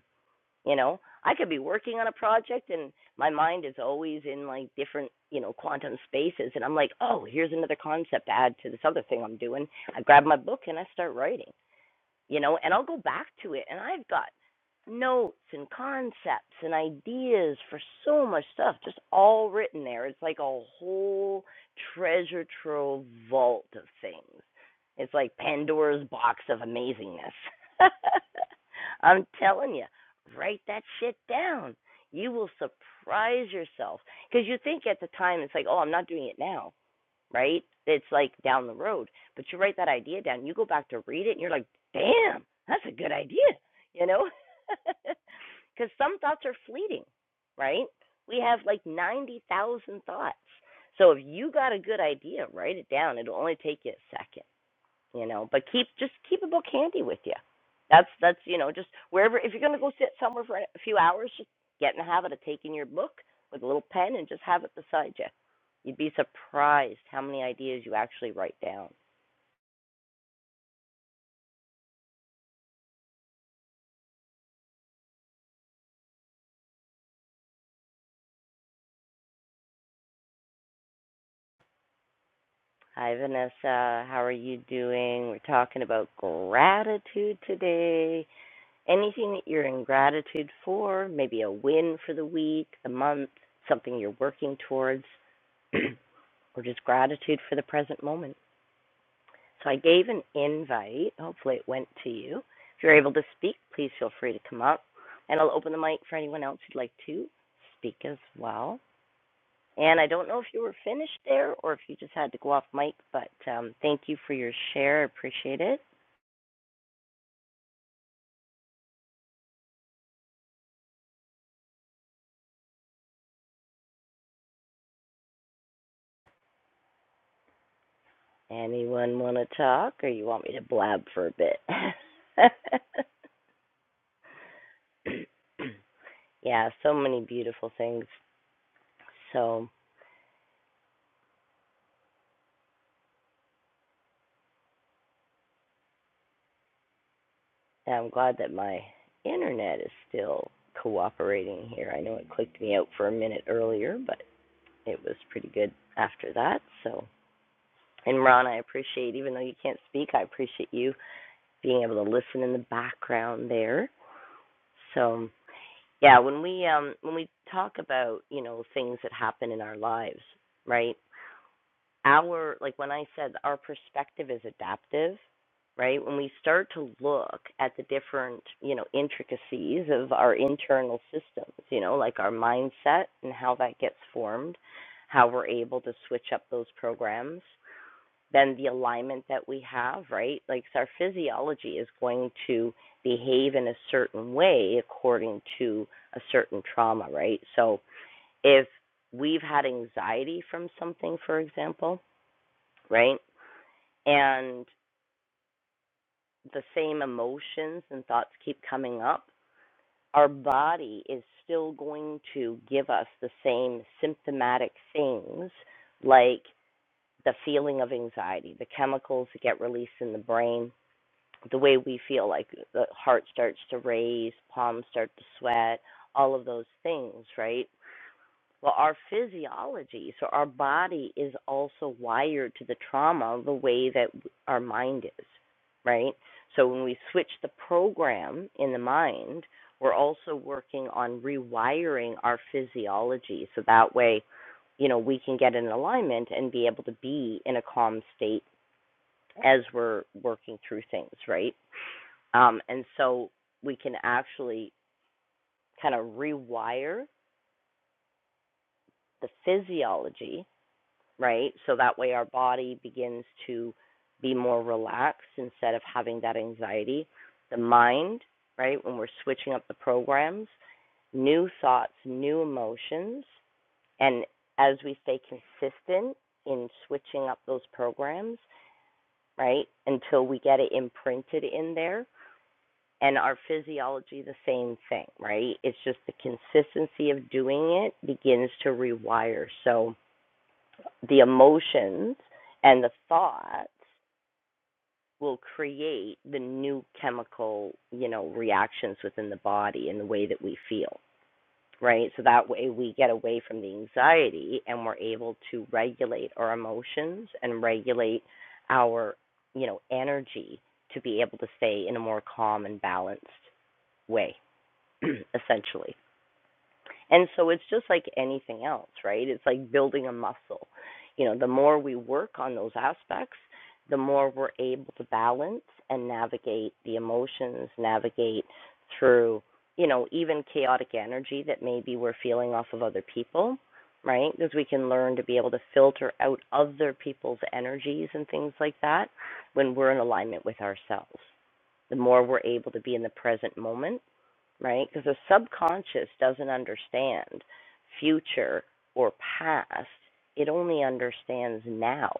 A: you know i could be working on a project and my mind is always in like different you know quantum spaces and i'm like oh here's another concept to add to this other thing i'm doing i grab my book and i start writing you know, and I'll go back to it and I've got notes and concepts and ideas for so much stuff just all written there. It's like a whole treasure trove vault of things. It's like Pandora's box of amazingness. *laughs* I'm telling you, write that shit down. You will surprise yourself because you think at the time it's like, oh, I'm not doing it now right? It's like down the road. But you write that idea down, you go back to read it, and you're like, damn, that's a good idea, you know? Because *laughs* some thoughts are fleeting, right? We have like 90,000 thoughts. So if you got a good idea, write it down. It'll only take you a second you know but keep just keep a book handy with you that's that's you know just wherever if you're going to go sit somewhere for a few hours just get in the habit of taking your book with a little pen and just have it beside you you'd be surprised how many ideas you actually write down hi vanessa how are you doing we're talking about gratitude today anything that you're in gratitude for maybe a win for the week the month something you're working towards *clears throat* or just gratitude for the present moment So I gave an invite. Hopefully, it went to you. If you're able to speak, please feel free to come up. And I'll open the mic for anyone else who'd like to speak as well. And I don't know if you were finished there or if you just had to go off mic, but um, thank you for your share. I appreciate it. Anyone want to talk or you want me to blab for a bit? *laughs* *clears throat* yeah, so many beautiful things. So. And I'm glad that my internet is still cooperating here. I know it clicked me out for a minute earlier, but it was pretty good after that. So, and Ron, I appreciate, even though you can't speak, I appreciate you being able to listen in the background there. So, yeah, when we um when we talk about you know things that happen in our lives, right? our like when I said our perspective is adaptive, right? When we start to look at the different, you know, intricacies of our internal systems, you know, like our mindset and how that gets formed, how we're able to switch up those programs, then the alignment that we have, right? Like so our physiology is going to behave in a certain way according to a certain trauma, right? So if we've had anxiety from something, for example, right? And the same emotions and thoughts keep coming up, our body is still going to give us the same symptomatic things like the feeling of anxiety, the chemicals that get released in the brain, the way we feel like the heart starts to race, palms start to sweat, all of those things, right? Well, our physiology, so our body is also wired to the trauma the way that our mind is, right? So when we switch the program in the mind, we're also working on rewiring our physiology so that way, you know, we can get in alignment and be able to be in a calm state as we're working through things, right? Um, and so we can actually kind of rewire the physiology right? So that way our body begins to be more relaxed instead of having that anxiety. The mind, right, when we're switching up the programs, new thoughts, new emotions, and as we stay consistent in switching up those programs, right, until we get it imprinted in there. And our physiology, the same thing, right? It's just the consistency of doing it begins to rewire. So, the emotions and the thoughts will create the new chemical, you know, reactions within the body and the way that we feel, right? So that way we get away from the anxiety and we're able to regulate our emotions and regulate our, you know, energy to be able to stay in a more calm and balanced way, *clears throat* essentially. And so it's just like anything else, right? It's like building a muscle. You know, the more we work on those aspects, the more we're able to balance and navigate the emotions, navigate through, you know, even chaotic energy that maybe we're feeling off of other people, right? Because we can learn to be able to filter out other people's energies and things like that when we're in alignment with ourselves. The more we're able to be in the present moment, right? Because the subconscious doesn't understand future or past, it only understands now.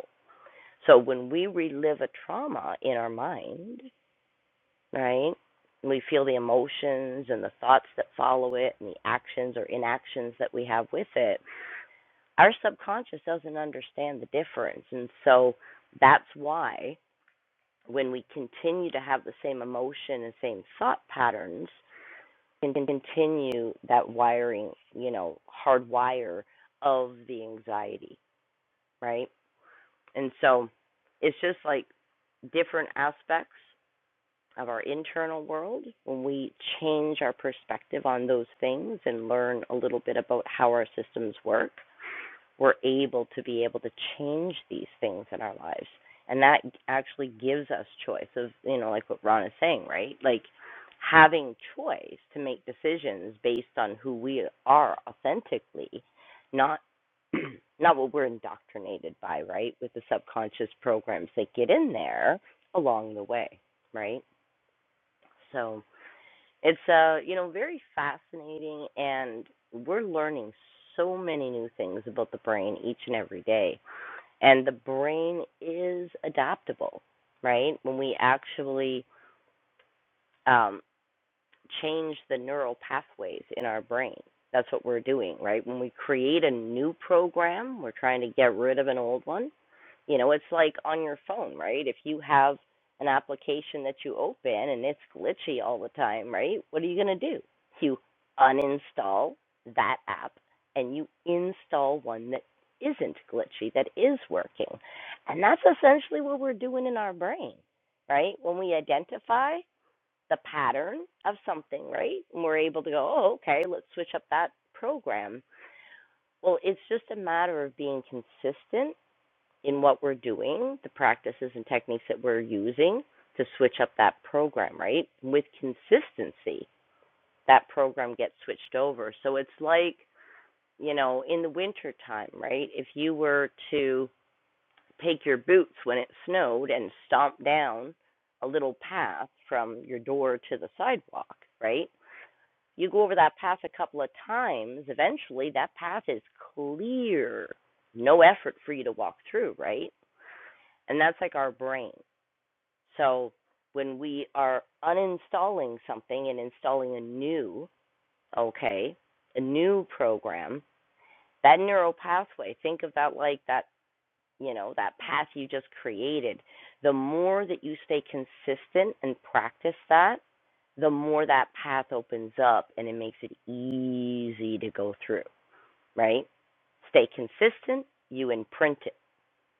A: So when we relive a trauma in our mind, right? and We feel the emotions and the thoughts that follow it and the actions or inactions that we have with it. Our subconscious doesn't understand the difference. And so that's why when we continue to have the same emotion and same thought patterns, can continue that wiring, you know, hard wire of the anxiety, right? And so it's just like different aspects of our internal world when we change our perspective on those things and learn a little bit about how our systems work we're able to be able to change these things in our lives and that actually gives us choice of you know like what ron is saying right like having choice to make decisions based on who we are authentically not *clears throat* not what we're indoctrinated by right with the subconscious programs that get in there along the way right so it's uh, you know, very fascinating and we're learning so many new things about the brain each and every day. And the brain is adaptable, right? When we actually um change the neural pathways in our brain. That's what we're doing, right? When we create a new program, we're trying to get rid of an old one you know, it's like on your phone, right? If you have an application that you open and it's glitchy all the time, right? What are you going to do? You uninstall that app and you install one that isn't glitchy, that is working. And that's essentially what we're doing in our brain, right? When we identify the pattern of something, right? And we're able to go, oh, okay, let's switch up that program. Well, it's just a matter of being consistent in what we're doing, the practices and techniques that we're using to switch up that program, right? With consistency, that program gets switched over. So it's like, you know, in the winter time, right? If you were to take your boots when it snowed and stomp down a little path from your door to the sidewalk, right? You go over that path a couple of times, eventually that path is clear. No effort for you to walk through, right? And that's like our brain. So when we are uninstalling something and installing a new, okay, a new program, that neural pathway, think of that like that, you know, that path you just created. The more that you stay consistent and practice that, the more that path opens up and it makes it easy to go through, right? Stay consistent, you imprint it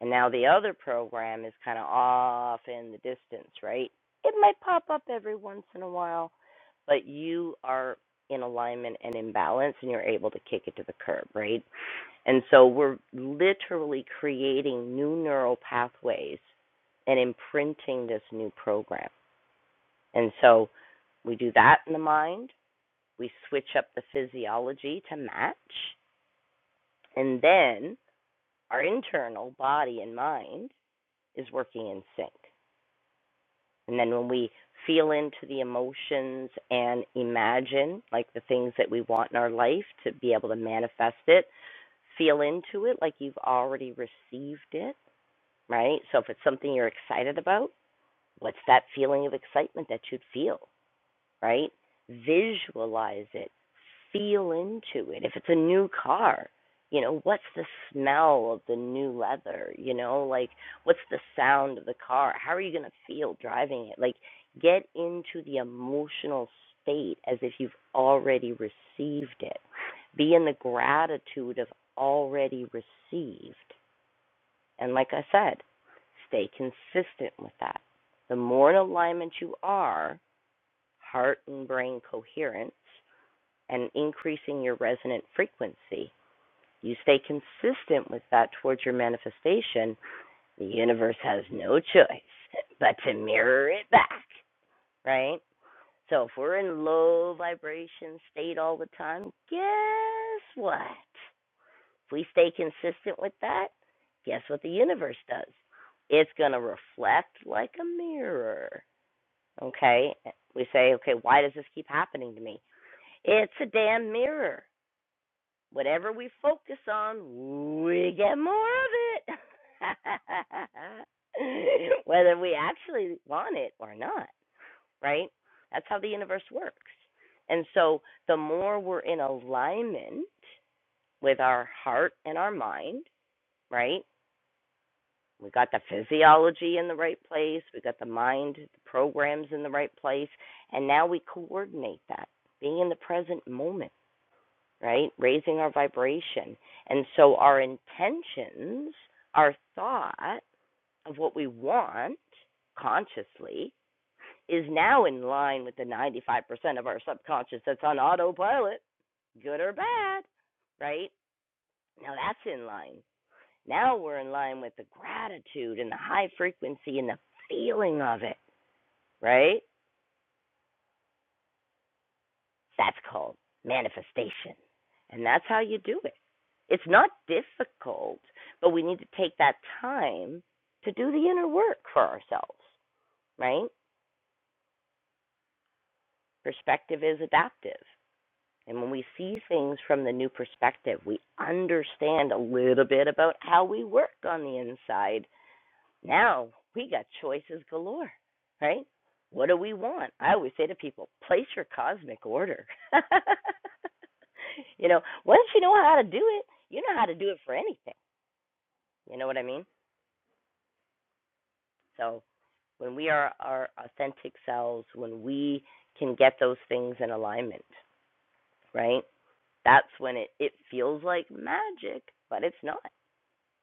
A: and now the other program is kind of off in the distance, right? It might pop up every once in a while, but you are in alignment and in balance and you're able to kick it to the curb, right? And so we're literally creating new neural pathways and imprinting this new program. And so we do that in the mind, we switch up the physiology to match, and then our internal body and mind is working in sync. And then when we feel into the emotions and imagine like the things that we want in our life to be able to manifest it, feel into it like you've already received it, right? So if it's something you're excited about, what's that feeling of excitement that you'd feel? right? Visualize it, feel into it. If it's a new car, you know, what's the smell of the new leather? You know, like what's the sound of the car? How are you going to feel driving it? Like get into the emotional state as if you've already received it. Be in the gratitude of already received. And like I said, stay consistent with that. The more in alignment you are, heart and brain coherence, and increasing your resonant frequency. You stay consistent with that towards your manifestation, the universe has no choice but to mirror it back, right? So if we're in low vibration state all the time, guess what? If we stay consistent with that, guess what the universe does? It's going to reflect like a mirror. Okay? We say, okay, why does this keep happening to me? It's a damn mirror. Whatever we focus on, we get more of it. *laughs* Whether we actually want it or not, right? That's how the universe works. And so the more we're in alignment with our heart and our mind, right? We got the physiology in the right place, we got the mind, the programs in the right place, and now we coordinate that, being in the present moment right? Raising our vibration. And so our intentions, our thought of what we want consciously is now in line with the 95% of our subconscious that's on autopilot, good or bad, right? Now that's in line. Now we're in line with the gratitude and the high frequency and the feeling of it, right? That's called manifestation. And that's how you do it. It's not difficult, but we need to take that time to do the inner work for ourselves, right? Perspective is adaptive. And when we see things from the new perspective, we understand a little bit about how we work on the inside Now we got choices galore, right? What do we want? I always say to people, place your cosmic order. *laughs* you know, once you know how to do it, you know how to do it for anything. You know what I mean? So when we are our authentic selves, when we can get those things in alignment, right? That's when it, it feels like magic, but it's not,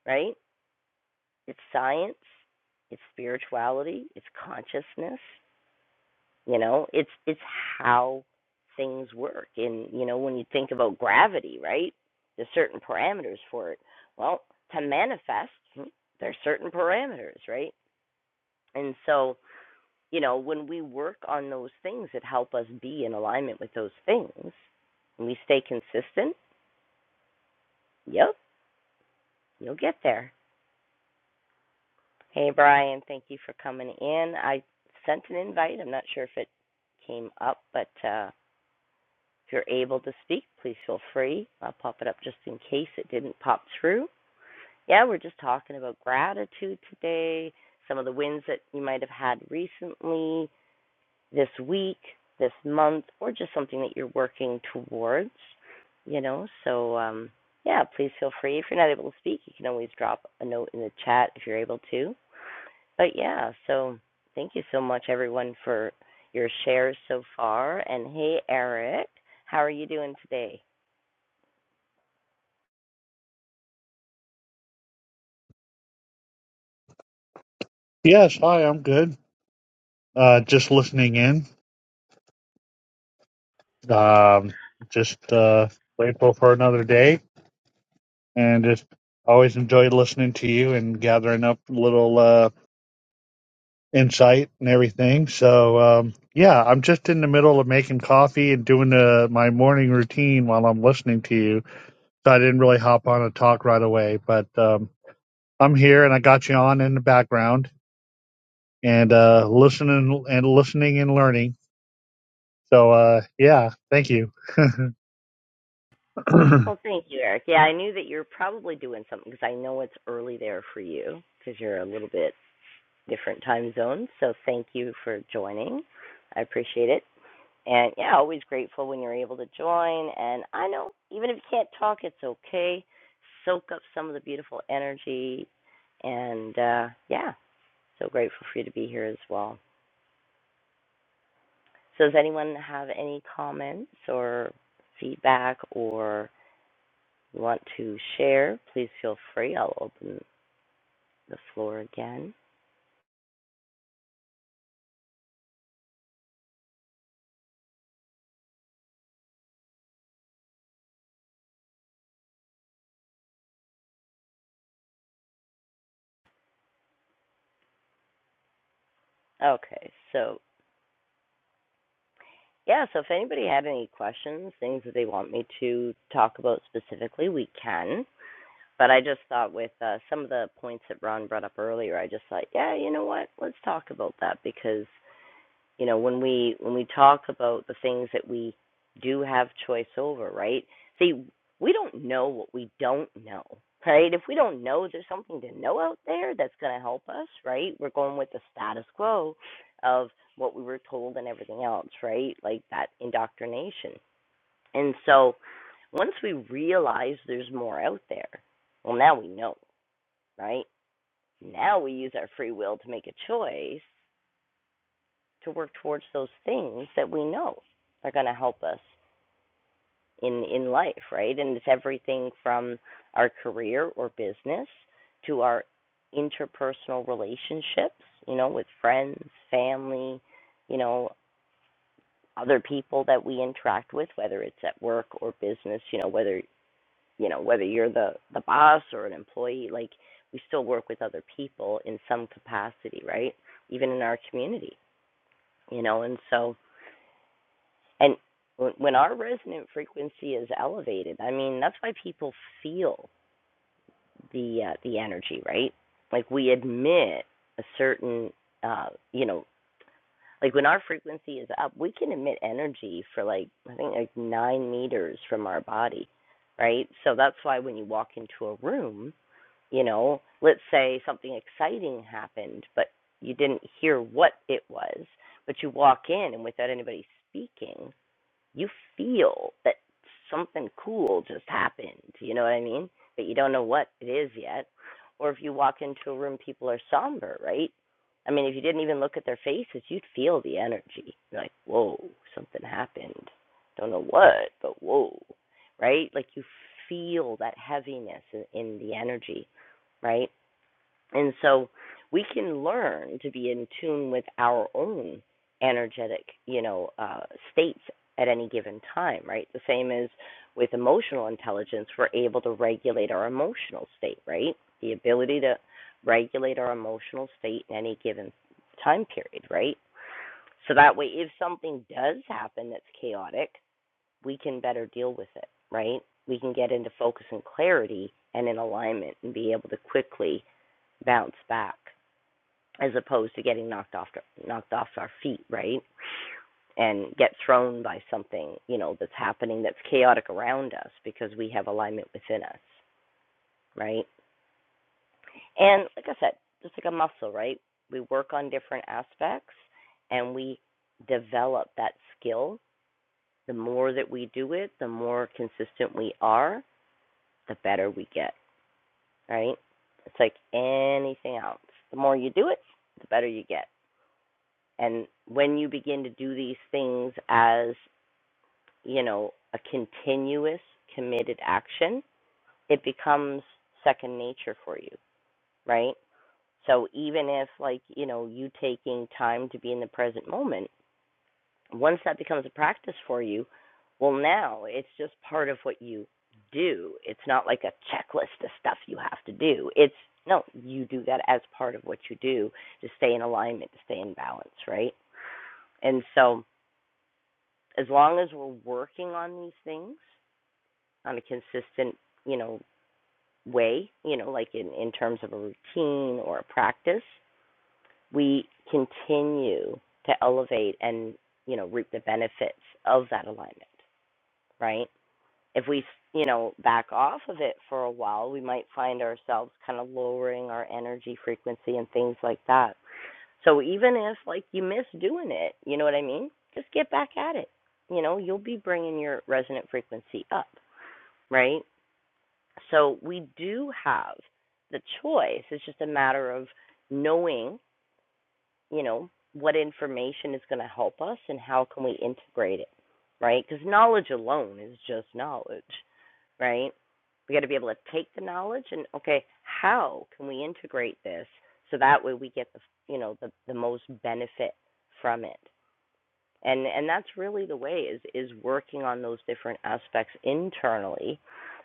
A: right? It's science, it's spirituality, it's consciousness, You know, it's it's how things work. And you know, when you think about gravity, right? There's certain parameters for it. Well, to manifest, hmm, there's certain parameters, right? And so, you know, when we work on those things that help us be in alignment with those things, and we stay consistent, yep, you'll get there. Hey, Brian, thank you for coming in. I sent an invite. I'm not sure if it came up, but uh, If you're able to speak, please feel free. I'll pop it up just in case it didn't pop through. Yeah, we're just talking about gratitude today, some of the wins that you might have had recently, this week, this month, or just something that you're working towards, you know. So, um, yeah, please feel free. If you're not able to speak, you can always drop a note in the chat if you're able to. But yeah, so thank you so much, everyone, for your shares so far. And hey, Eric, how are you doing today?
G: Yes, hi, I'm good. Uh, just listening in. Um, just uh, grateful for another day, and just always enjoy listening to you and gathering up little uh, insight and everything. So um, yeah, I'm just in the middle of making coffee and doing uh my morning routine while I'm listening to you. So I didn't really hop on and talk right away, but um, I'm here and I got you on in the background and uh, listening and listening and learning. So uh, yeah, thank you. *clears throat*
A: Well, thank you, Eric. Yeah, I knew that you were probably doing something because I know it's early there for you because you're a little bit different time zone. So thank you for joining. I appreciate it. And yeah, always grateful when you're able to join. And I know even if you can't talk, it's okay. Soak up some of the beautiful energy. And uh, yeah, so grateful for you to be here as well. So does anyone have any comments or feedback or want to share? Please feel free. I'll open the floor again. Okay, so yeah, so if anybody had any questions, things that they want me to talk about specifically, we can. But I just thought with uh, some of the points that Ron brought up earlier, I just thought, yeah, you know what? Let's talk about that because you know when we when we talk about the things that we do have choice over right see we don't know what we don't know right if we don't know there's something to know out there that's going to help us right we're going with the status quo of what we were told and everything else right like that indoctrination and so once we realize there's more out there well now we know right now we use our free will to make a choice to work towards those things that we know are going to help us in in life, right? And it's everything from our career or business to our interpersonal relationships, you know, with friends, family, you know, other people that we interact with, whether it's at work or business, you know, whether you know whether you're the the boss or an employee, like we still work with other people in some capacity, right? Even in our community, you know, and so And when our resonant frequency is elevated, I mean, that's why people feel the uh, the energy, right? Like we emit a certain, uh, you know, like when our frequency is up, we can emit energy for like I think like nine meters from our body, right? So that's why when you walk into a room, you know, let's say something exciting happened, but you didn't hear what it was, but you walk in and without anybody speaking, you feel that something cool just happened. You know what I mean? But you don't know what it is yet. Or if you walk into a room, people are somber, right? I mean, if you didn't even look at their faces, you'd feel the energy. You're like, whoa, something happened. Don't know what, but whoa, right? Like you feel that heaviness in the energy, right? And so we can learn to be in tune with our own energetic, you know, uh, states at any given time, right? The same as with emotional intelligence, we're able to regulate our emotional state, right? The ability to regulate our emotional state in any given time period, right? So that way, if something does happen that's chaotic, we can better deal with it, right? We can get into focus and clarity and in alignment and be able to quickly bounce back as opposed to getting knocked off knocked off our feet, right? And get thrown by something, you know, that's happening that's chaotic around us because we have alignment within us, right? And like I said, just like a muscle, right? We work on different aspects and we develop that skill. The more that we do it, the more consistent we are, the better we get, right? It's like anything else. The more you do it, the better you get. And when you begin to do these things as, you know, a continuous committed action, it becomes second nature for you, right? So even if like, you know, you taking time to be in the present moment, once that becomes a practice for you, well now it's just part of what you do. It's not like a checklist of stuff you have to do. It's no, you do that as part of what you do to stay in alignment, to stay in balance, right? And so as long as we're working on these things on a consistent, you know, way, you know, like in, in terms of a routine or a practice, we continue to elevate and, you know, reap the benefits of that alignment, right? If we, you know, back off of it for a while, we might find ourselves kind of lowering our energy frequency and things like that so even if like you miss doing it, you know what I mean? Just get back at it. You know, you'll be bringing your resonant frequency up, right? So we do have the choice. It's just a matter of knowing, you know, what information is going to help us and how can we integrate it, right? Cuz knowledge alone is just knowledge right? We got to be able to take the knowledge and okay, how can we integrate this so that way we get the you know the the most benefit from it. And and that's really the way is is working on those different aspects internally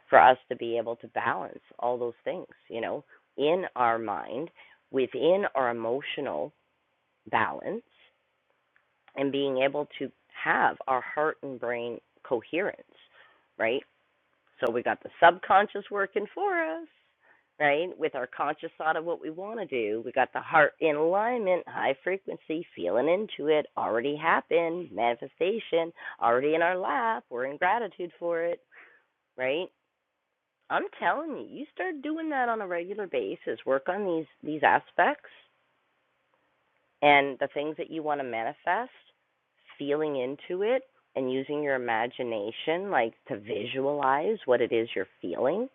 A: for us to be able to balance all those things, you know, in our mind, within our emotional balance and being able to have our heart and brain coherence, right? So we got the subconscious working for us, right? With our conscious thought of what we want to do. We got the heart in alignment, high frequency, feeling into it, already happened, manifestation, already in our lap. We're in gratitude for it, right? I'm telling you, you start doing that on a regular basis. Work on these these aspects and the things that you want to manifest, feeling into it and using your imagination like to visualize what it is you're feeling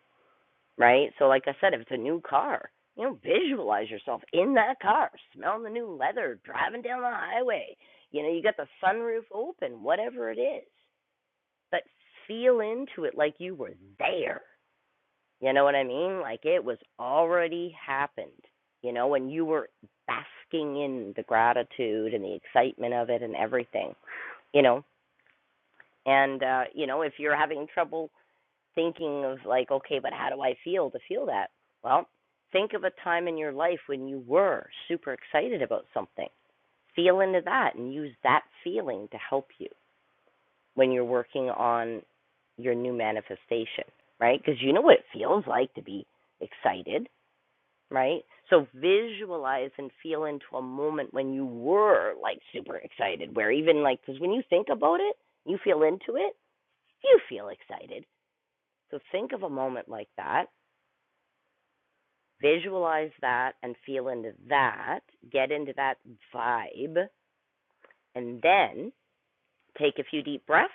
A: right? So, like I said, if it's a new car, you know, visualize yourself in that car, smelling the new leather, driving down the highway. You know, you got the sunroof open, whatever it is. But feel into it like you were there. You know what I mean? Like it was already happened, you know, and you were basking in the gratitude and the excitement of it and everything, you know. And, uh, you know, if you're having trouble thinking of like, okay, but how do I feel to feel that? Well, think of a time in your life when you were super excited about something. Feel into that and use that feeling to help you when you're working on your new manifestation, right? Because you know what it feels like to be excited, right? So visualize and feel into a moment when you were like super excited, where even like, because when you think about it, you feel into it, you feel excited. So think of a moment like that Visualize that and feel into that. Get into that vibe and then take a few deep breaths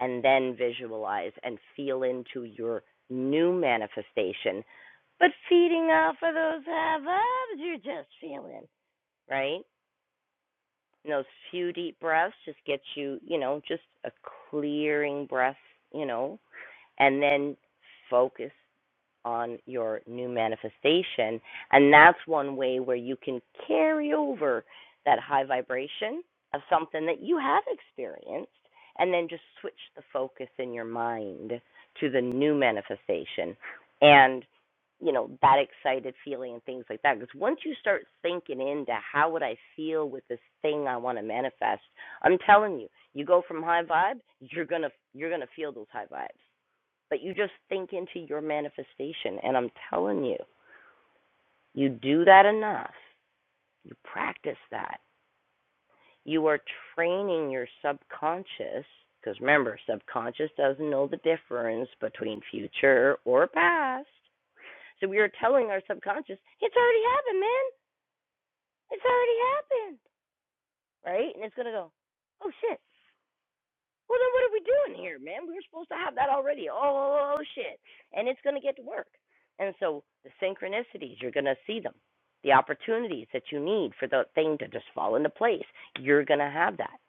A: and then visualize and feel into your new manifestation. But feeding off of those have ups you're just feeling, right? And those few deep breaths just get you, you know, just a clearing breath, you know, and then focus on your new manifestation. And that's one way where you can carry over that high vibration of something that you have experienced and then just switch the focus in your mind to the new manifestation and, you know, that excited feeling and things like that. Because once you start thinking into how would I feel with this thing I want to manifest, I'm telling you, you go from high vibe, you're gonna you're gonna feel those high vibes. But you just think into your manifestation. And I'm telling you, you do that enough, you practice that, you are training your subconscious. Because remember, subconscious doesn't know the difference between future or past. So we are telling our subconscious, it's already happened, man. It's already happened. Right? And it's going to go, oh shit. Well, then what are we doing here, man? We were supposed to have that already. Oh, shit. And it's going to get to work. And so the synchronicities, you're going to see them. The opportunities that you need for the thing to just fall into place, you're going to have that,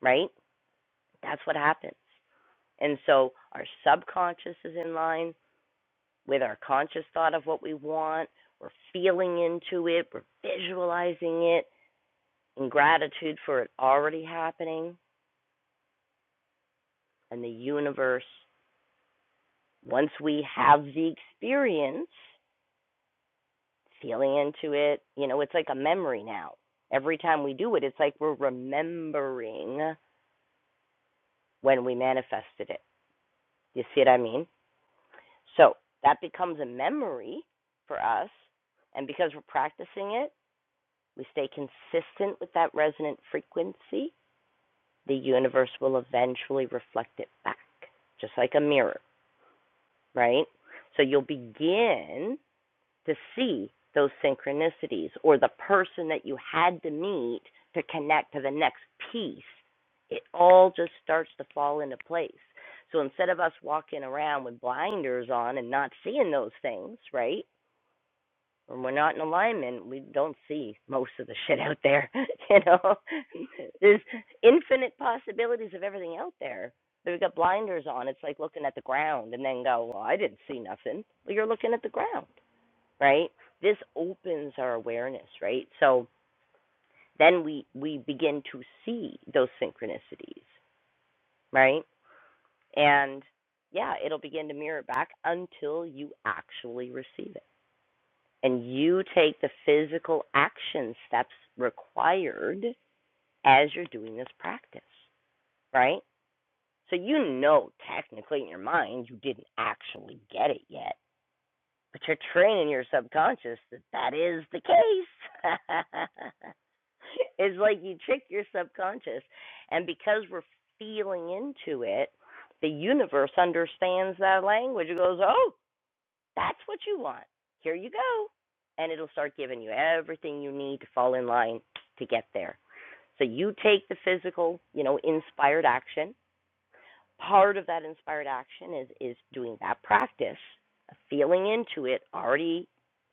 A: right? That's what happens. And so our subconscious is in line with our conscious thought of what we want. We're feeling into it, we're visualizing it in gratitude for it already happening. And the universe once we have the experience, feeling into it, you know, it's like a memory now. Every time we do it, it's like we're remembering when we manifested it. You see what I mean? So that becomes a memory for us. And because we're practicing it, we stay consistent with that resonant frequency. The universe will eventually reflect it back, just like a mirror, right? So you'll begin to see those synchronicities or the person that you had to meet to connect to the next piece, it all just starts to fall into place. So instead of us walking around with blinders on and not seeing those things, right? When we're not in alignment, we don't see most of the shit out there. *laughs* you know, *laughs* there's infinite possibilities of everything out there. But we have got blinders on. It's like looking at the ground and then go, well, I didn't see nothing. Well, you're looking at the ground right? This opens our awareness, right? So then we we begin to see those synchronicities, right? And yeah, it'll begin to mirror back until you actually receive it. And you take the physical action steps required as you're doing this practice, right? So you know technically in your mind you didn't actually get it yet But you're training your subconscious that that is the case. *laughs* it's like you trick your subconscious. And because we're feeling into it, the universe understands that language. It goes, oh, that's what you want. Here you go. And it'll start giving you everything you need to fall in line to get there. So you take the physical, you know, inspired action part of that inspired action is is doing that practice feeling into it already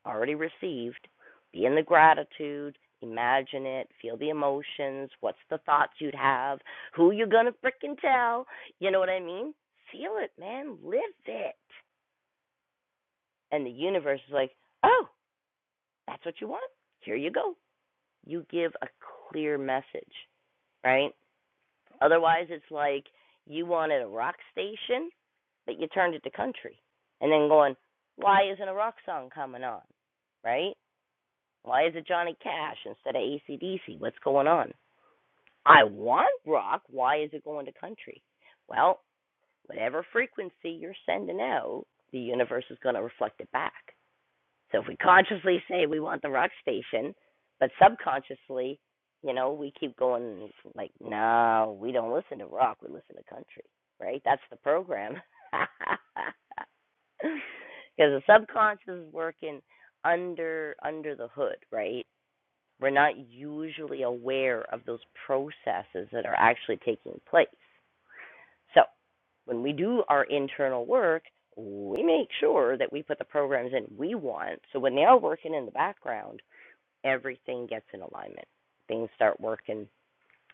A: already received be in the gratitude imagine it feel the emotions what's the thoughts you'd have who you gonna frickin' tell you know what i mean feel it man live it and the universe is like oh that's what you want here you go you give a clear message right Otherwise, it's like you wanted a rock station, but you turned it to country, and then going, why isn't a rock song coming on, right? Why is it Johnny Cash instead of ACDC? What's going on? I want rock. Why is it going to country? Well, whatever frequency you're sending out, the universe is going to reflect it back. So if we consciously say we want the rock station, but subconsciously, you know, we keep going like, no, we don't listen to rock, we listen to country, right? That's the program. *laughs* Because the subconscious is working under under the hood, right? We're not usually aware of those processes that are actually taking place. So when we do our internal work, we make sure that we put the programs in we want. So when they are working in the background, everything gets in alignment. Things start working,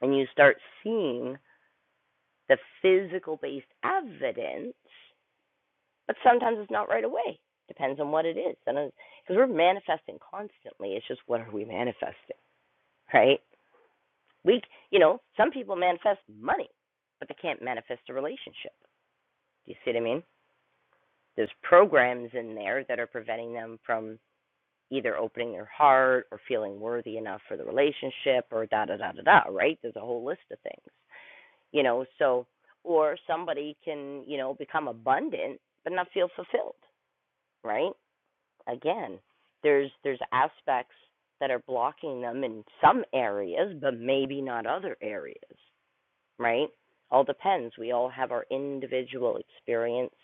A: and you start seeing the physical based evidence, but sometimes it's not right away. Depends on what it is. Because we're manifesting constantly. It's just what are we manifesting, right? We, you know, some people manifest money, but they can't manifest a relationship. Do you see what I mean? there's programs in there that are preventing them from either opening their heart or feeling worthy enough for the relationship or da da da da da right there's a whole list of things you know so or somebody can you know become abundant but not feel fulfilled right again there's there's aspects that are blocking them in some areas but maybe not other areas right all depends we all have our individual experience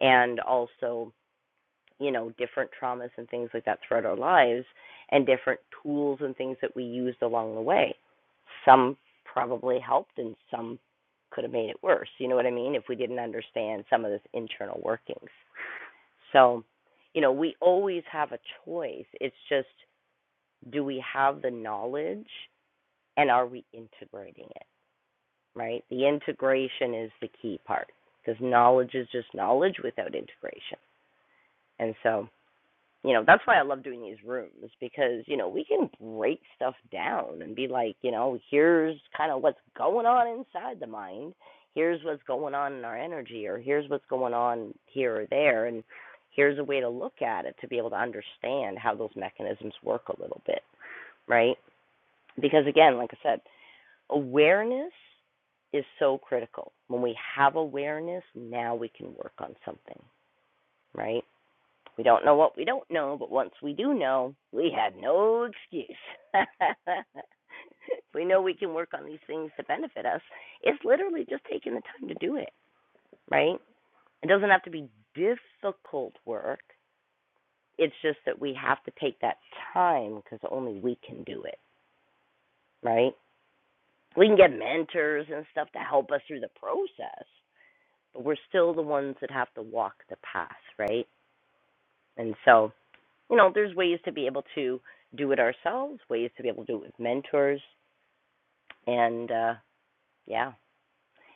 A: and also you know, different traumas and things like that throughout our lives and different tools and things that we used along the way. Some probably helped and some could have made it worse. You know what I mean? If we didn't understand some of this internal workings. So, you know, we always have a choice. It's just do we have the knowledge and are we integrating it, right? The integration is the key part because knowledge is just knowledge without integration. And so, you know that's why i love doing these rooms because you know we can break stuff down and be like you know here's kind of what's going on inside the mind here's what's going on in our energy or here's what's going on here or there and here's a way to look at it to be able to understand how those mechanisms work a little bit right because again like i said awareness is so critical when we have awareness now we can work on something right we don't know what we don't know, but once we do know, we have no excuse. *laughs* we know we can work on these things to benefit us. It's literally just taking the time to do it, right? It doesn't have to be difficult work. It's just that we have to take that time because only we can do it, right? We can get mentors and stuff to help us through the process, but we're still the ones that have to walk the path, right? And so you know, there's ways to be able to do it ourselves, ways to be able to do it with mentors, and uh, yeah,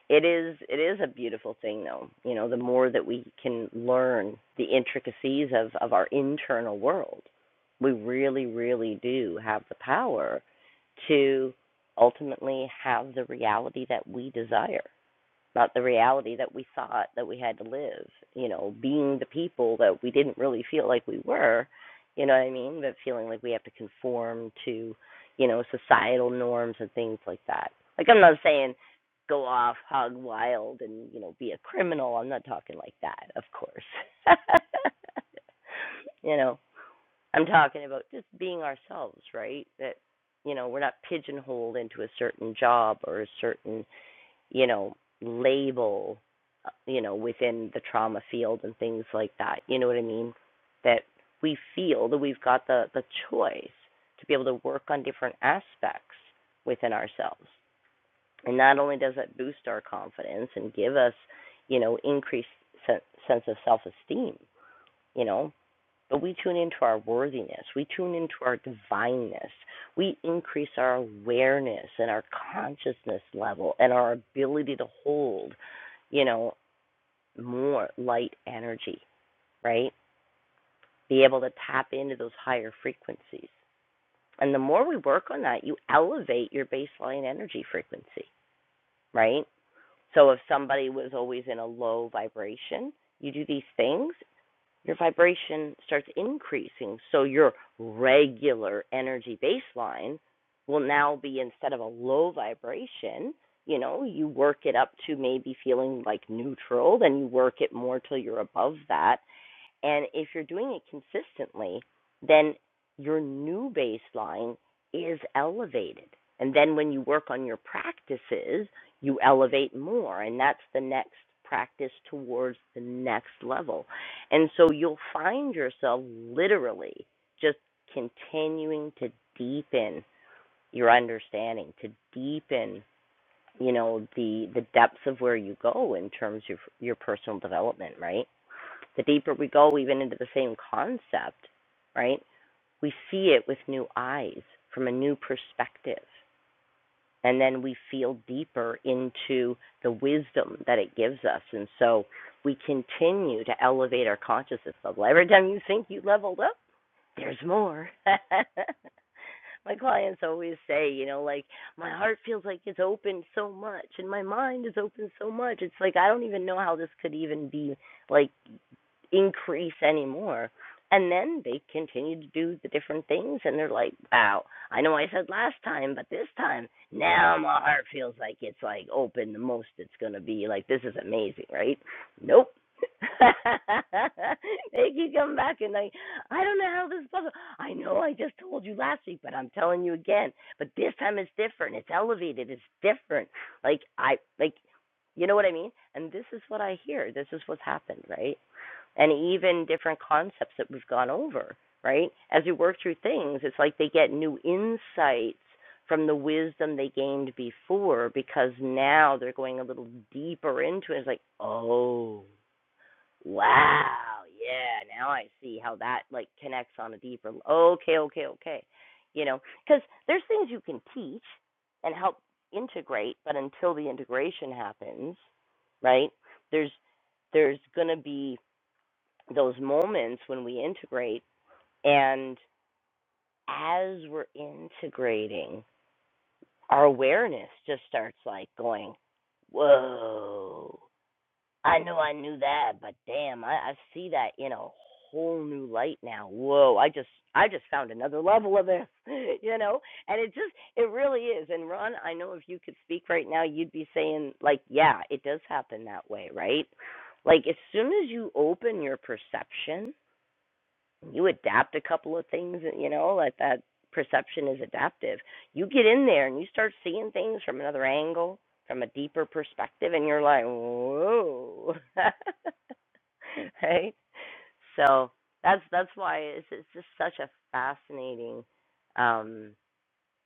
A: it is it is a beautiful thing though. You know, the more that we can learn the intricacies of of our internal world, we really, really do have the power to ultimately have the reality that we desire about the reality that we thought that we had to live, you know, being the people that we didn't really feel like we were, you know what I mean? But feeling like we have to conform to, you know, societal norms and things like that. Like I'm not saying go off hog wild and, you know, be a criminal. I'm not talking like that, of course. *laughs* you know, I'm talking about just being ourselves, right? That you know, we're not pigeonholed into a certain job or a certain you know, label, uh, you know, within the trauma field and things like that. You know what I mean? That we feel that we've got the, the choice to be able to work on different aspects within ourselves. And not only does that boost our confidence and give us, you know, increased sen- sense of self esteem, you know, but we tune into our worthiness. We tune into our divineness. We increase our awareness and our consciousness level and our ability to hold, you know, more light energy, right? Be able to tap into those higher frequencies. And the more we work on that, you elevate your baseline energy frequency, right? So if somebody was always in a low vibration, you do these things your vibration starts increasing. So your regular energy baseline will now be instead of a low vibration, you know, you work it up to maybe feeling like neutral, then you work it more till you're above that. And if you're doing it consistently, then your new baseline is elevated. And then when you work on your practices, you elevate more. And that's the next practice towards the next level. And so you'll find yourself literally just continuing to deepen your understanding, to deepen you know the the depths of where you go in terms of your personal development right the deeper we go even into the same concept, right? We see it with new eyes from a new perspective. And then we feel deeper into the wisdom that it gives us. And so we continue to elevate our consciousness level. Every time you think you leveled up, there's more. *laughs* my clients always say, you know, like, my heart feels like it's open so much and my mind is open so much. It's like, I don't even know how this could even be like increase anymore. And then they continue to do the different things, and they're like, wow, I know I said last time, but this time, now my heart feels like it's like open the most it's going to be. Like, this is amazing, right? Nope. *laughs* they keep coming back and like, I don't know how this is possible. I know I just told you last week, but I'm telling you again. But this time it's different. It's elevated. It's different. Like I like, you know what I mean? And this is what I hear. This is what's happened, right? and even different concepts that we've gone over, right? As we work through things, it's like they get new insights from the wisdom they gained before because now they're going a little deeper into it. It's like, oh, wow, yeah, now I see how that like connects on a deeper. Okay, okay, okay, you know, because there's things you can teach and help integrate, but until the integration happens, right? There's there's going to be those moments when we integrate and as we're integrating our awareness just starts like going whoa i know i knew that but damn i, I see that in a whole new light now whoa i just i just found another level of this *laughs* you know and it just it really is and ron i know if you could speak right now you'd be saying like yeah it does happen that way right like as soon as you open your perception you adapt a couple of things you know like that perception is adaptive you get in there and you start seeing things from another angle from a deeper perspective and you're like whoa *laughs* right so that's that's why it's it's just such a fascinating um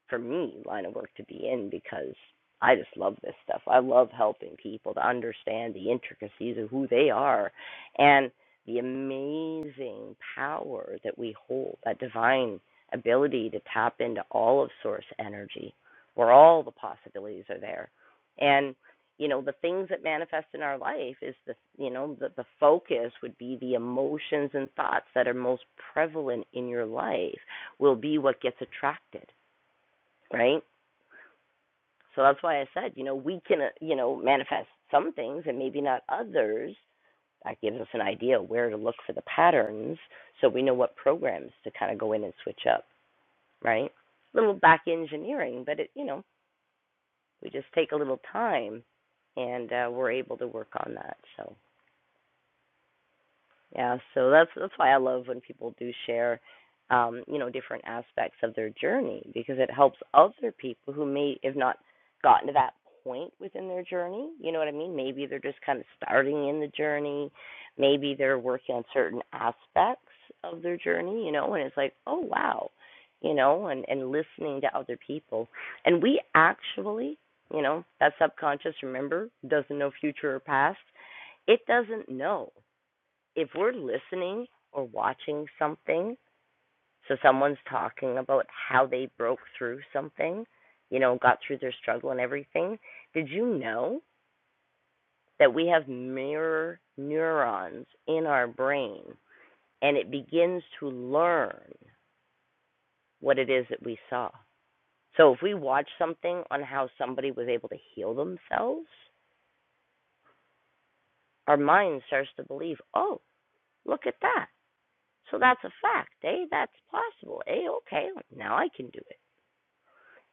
A: for me line of work to be in because I just love this stuff. I love helping people to understand the intricacies of who they are and the amazing power that we hold, that divine ability to tap into all of source energy where all the possibilities are there. And you know, the things that manifest in our life is the you know, the, the focus would be the emotions and thoughts that are most prevalent in your life will be what gets attracted, right? So that's why I said, you know, we can, uh, you know, manifest some things and maybe not others. That gives us an idea where to look for the patterns so we know what programs to kind of go in and switch up, right? A little back engineering, but it, you know, we just take a little time and uh, we're able to work on that. So. Yeah, so that's that's why I love when people do share, um, you know, different aspects of their journey because it helps other people who may have not gotten to that point within their journey. You know what I mean? Maybe they're just kind of starting in the journey, maybe they're working on certain aspects of their journey. You know, and it's like, oh wow, you know, and and listening to other people, and we actually, you know, that subconscious remember doesn't know future or past. It doesn't know if we're listening or watching something, so someone's talking about how they broke through something, you know, got through their struggle and everything, did you know that we have mirror neurons in our brain and it begins to learn what it is that we saw? So if we watch something on how somebody was able to heal themselves, our mind starts to believe, oh, look at that. So that's a fact, eh? That's possible, eh? Okay, now I can do it.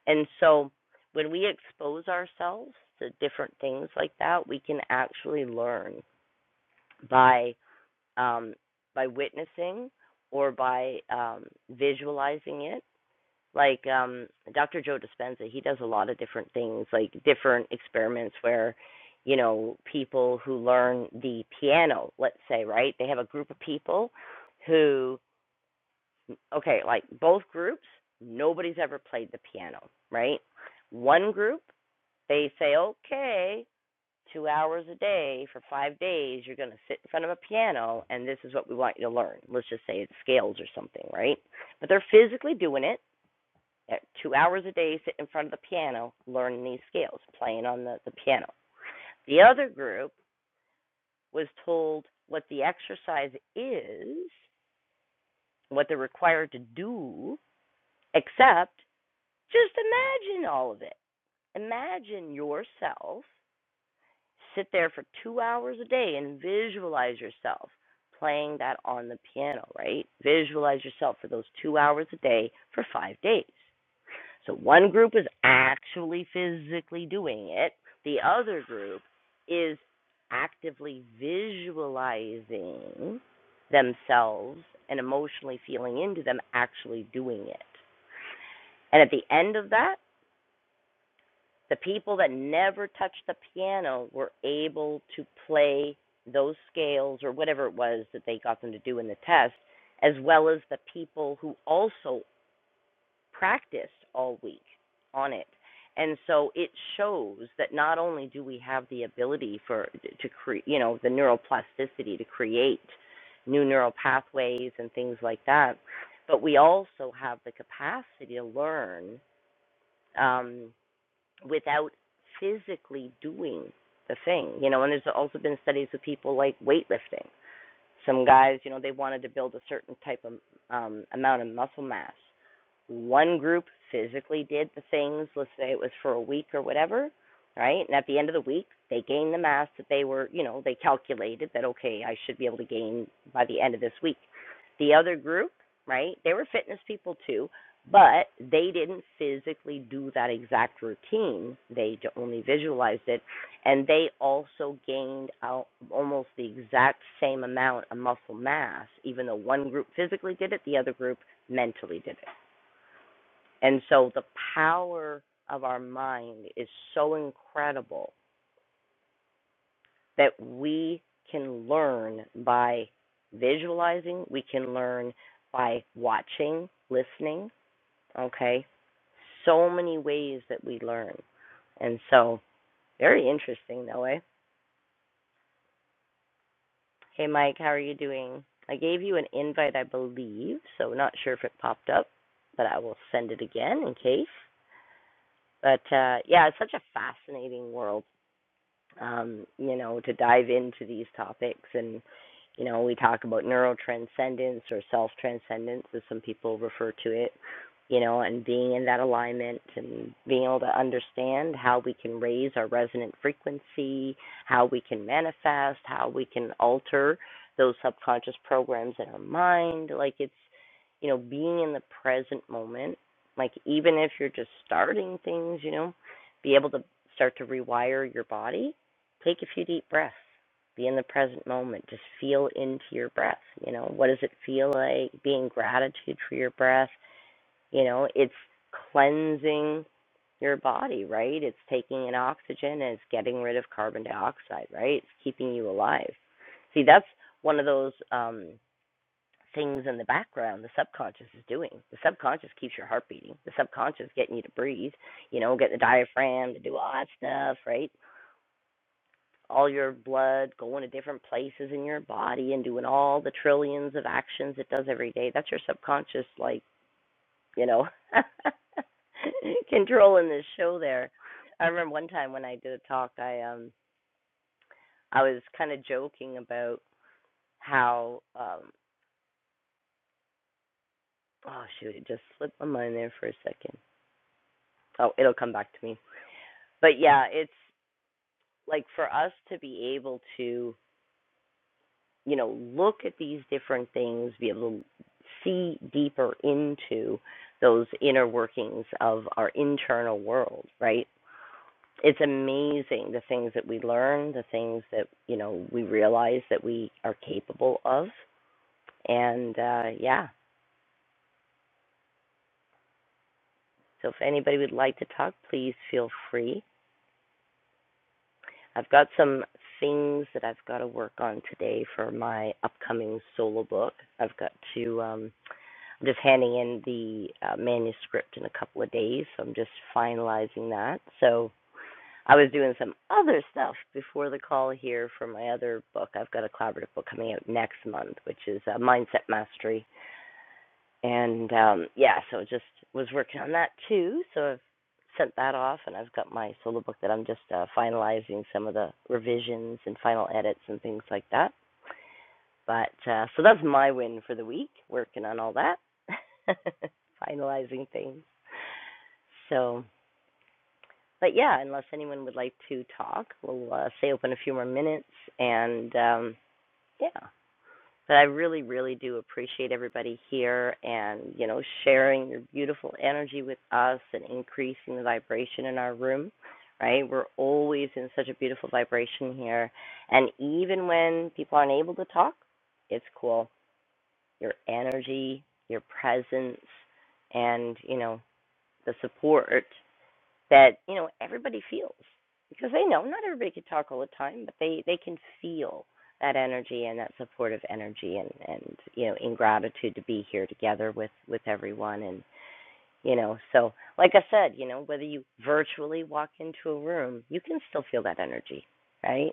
A: And so when we expose ourselves to different things like that, we can actually learn by um, by witnessing or by um, visualizing it. Like um, Dr. Joe Dispenza, he does a lot of different things, like different experiments where, you know, people who learn the piano, let's say, right? They have a group of people who, okay, like both groups, nobody's ever played the piano, right? One group they say, okay, two hours a day for five days, you're going to sit in front of a piano, and this is what we want you to learn. Let's just say it's scales or something, right? But they're physically doing it. two hours a day, sit in front of the piano, learning these scales, playing on the, the piano. The other group was told what the exercise is, what they're required to do, except just imagine all of it. Imagine yourself Sit there for two hours a day and visualize yourself playing that on the piano, right? Visualize yourself for those two hours a day for five days. So one group is actually physically doing it, the other group is actively visualizing themselves and emotionally feeling into them actually doing it. And at the end of that, the people that never touched the piano were able to play those scales or whatever it was that they got them to do in the test, as well as the people who also practiced all week on it. And so it shows that not only do we have the ability for to create, you know, the neuroplasticity to create new neural pathways and things like that, but we also have the capacity to learn. Um, without physically doing the thing, you know. And there's also been studies with people like weightlifting, some guys, you know, they wanted to build a certain type of um, amount of muscle mass. One group physically did the things, let's say it was for a week or whatever, right? And at the end of the week, they gained the mass that they were, you know, they calculated that, okay, I should be able to gain by the end of this week. The other group, right, they were fitness people too, but they didn't physically do that exact routine. They only visualized it and they also gained almost the exact same amount of muscle mass, even though one group physically did it, the other group mentally did it. And so the power of our mind is so incredible that we can learn by visualizing, we can learn by watching, listening, okay? So many ways that we learn. And so, very interesting, though, eh? Hey Mike, how are you doing? I gave you an invite, I believe, so not sure if it popped up, but I will send it again in case. But uh, yeah, it's such a fascinating world um, you know, to dive into these topics. And, you know, we talk about neurotranscendence or self transcendence, as some people refer to it, you know, and being in that alignment and being able to understand how we can raise our resonant frequency, how we can manifest, how we can alter those subconscious programs in our mind. Like it's, you know, being in the present moment, like even if you're just starting things, you know, be able to start to rewire your body Take a few deep breaths. Be in the present moment. Just feel into your breath. You know, what does it feel like? Be in gratitude for your breath. You know, it's cleansing your body, right? It's taking in oxygen and it's getting rid of carbon dioxide, right? It's keeping you alive. See, that's one of those um, things in the background the subconscious is doing. The subconscious keeps your heart beating. The subconscious is getting you to breathe, you know, get the diaphragm to do all that stuff, right? all your blood going to different places in your body and doing all the trillions of actions it does every day. That's your subconscious, like, you know, *laughs* controlling this show there. I remember one time when I did a talk, I um I was kind of joking about how um oh shoot, it just slipped my mind there for a second. Oh, it'll come back to me. But yeah, it's like for us to be able to you know, look at these different things, be able to see deeper into those inner workings of our internal world, right? It's amazing the things that we learn, the things that, you know, we realize that we are capable of. And uh, yeah, so if anybody would like to talk, please feel free. I've got some things that I've got to work on today for my upcoming solo book. I've got to. Um, I'm just handing in the uh, manuscript in a couple of days, so I'm just finalizing that. So I was doing some other stuff before the call here for my other book. I've got a collaborative book coming out next month, which is uh, Mindset Mastery, and um, yeah, so just was working on that too. So I've sent that off, and I've got my solo book that I'm just uh, finalizing some of the revisions and final edits and things like that. But uh, so that's my win for the week, working on all that, *laughs* finalizing things. So, but yeah, unless anyone would like to talk, we'll uh, stay open a few more minutes. And um, yeah, but I really, really do appreciate everybody here and, you know, sharing your beautiful energy with us and increasing the vibration in our room, right? We're always in such a beautiful vibration here. And even when people aren't able to talk, it's cool your energy, your presence, and you know the support that you know everybody feels because they know not everybody can talk all the time, but they they can feel that energy and that supportive energy and and you know in gratitude to be here together with with everyone and you know so like I said you know whether you virtually walk into a room you can still feel that energy right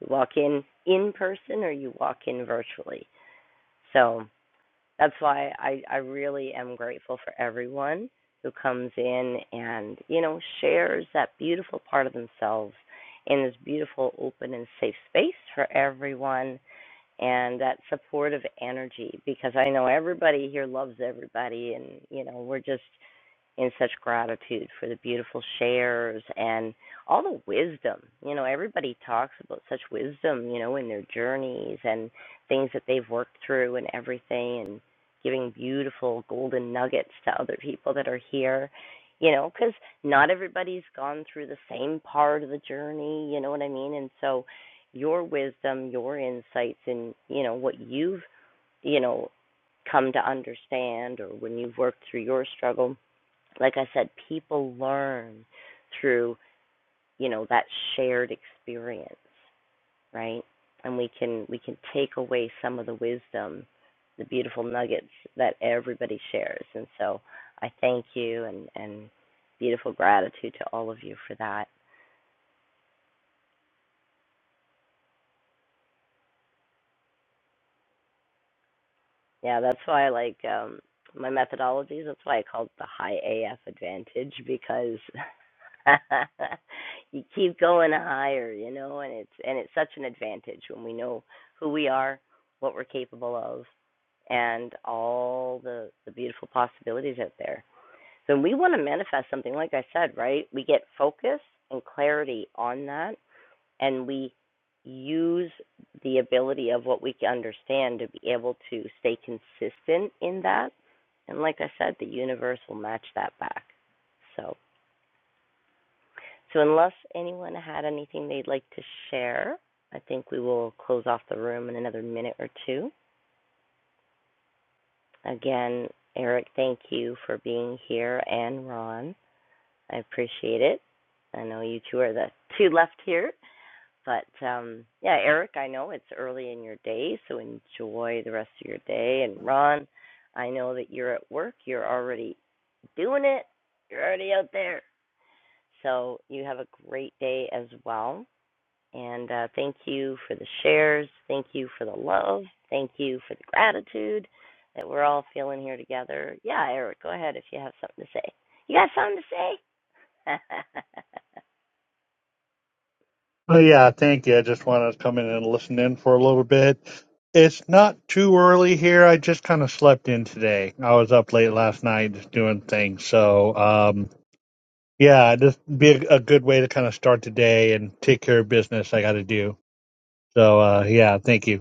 A: you walk in in person or you walk in virtually so that's why I, I really am grateful for everyone who comes in and, you know, shares that beautiful part of themselves in this beautiful, open, and safe space for everyone and that supportive energy because I know everybody here loves everybody and, you know, we're just in such gratitude for the beautiful shares and all the wisdom. You know, everybody talks about such wisdom, you know, in their journeys and things that they've worked through and everything and giving beautiful golden nuggets to other people that are here. You know, because not everybody's gone through the same part of the journey, you know what I mean? And so your wisdom, your insights, and, you know, what you've, you know, come to understand or when you've worked through your struggle like I said, people learn through, you know, that shared experience, right? And we can we can take away some of the wisdom, the beautiful nuggets that everybody shares. And so I thank you and, and beautiful gratitude to all of you for that. Yeah, that's why I like um my methodologies. That's why I call it the high AF advantage because *laughs* you keep going higher, you know, and it's and it's such an advantage when we know who we are, what we're capable of, and all the the beautiful possibilities out there. So when we want to manifest something, like I said, right? We get focus and clarity on that and we use the ability of what we understand to be able to stay consistent in that. And like I said, the universe will match that back. So, so unless anyone had anything they'd like to share, I think we will close off the room in another minute or two. Again, Eric, thank you for being here, and Ron, I appreciate it. I know you two are the two left here, But um, yeah, Eric, I know it's early in your day, so enjoy the rest of your day. And Ron, I know that you're at work. You're already doing it. You're already out there. So you have a great day as well. And uh, thank you for the shares. Thank you for the love. Thank you for the gratitude that we're all feeling here together. Yeah, Eric, go ahead if you have something to say. You got something to say? *laughs*
G: Well, yeah, thank you. I just wanted to come in and listen in for a little bit. It's not too early here. I just kind of slept in today. I was up late last night just doing things. So, um, yeah, just be a, a good way to kind of start the day and take care of business I got to do. So, uh, yeah, thank you.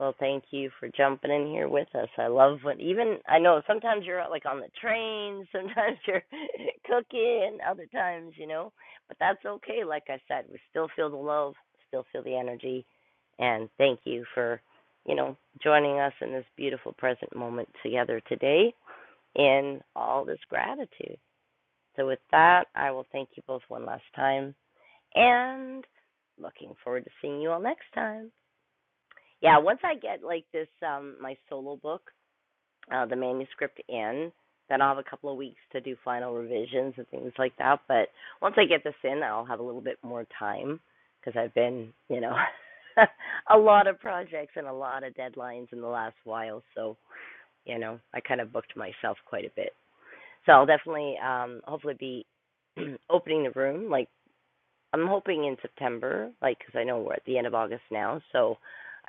A: Well, thank you for jumping in here with us. I love when even I know sometimes you're like on the train, sometimes you're *laughs* cooking, other times, you know, but that's okay. Like I said, we still feel the love, still feel the energy, and thank you for, you know, joining us in this beautiful present moment together today in all this gratitude. So with that, I will thank you both one last time and looking forward to seeing you all next time. Yeah, once I get like this um my solo book, uh the manuscript in, then I'll have a couple of weeks to do final revisions and things like that, but once I get this in, I'll have a little bit more time because I've been, you know, *laughs* a lot of projects and a lot of deadlines in the last while, so you know, I kind of booked myself quite a bit. So I'll definitely um hopefully be *clears throat* opening the room like I'm hoping in September, like because I know we're at the end of August now, so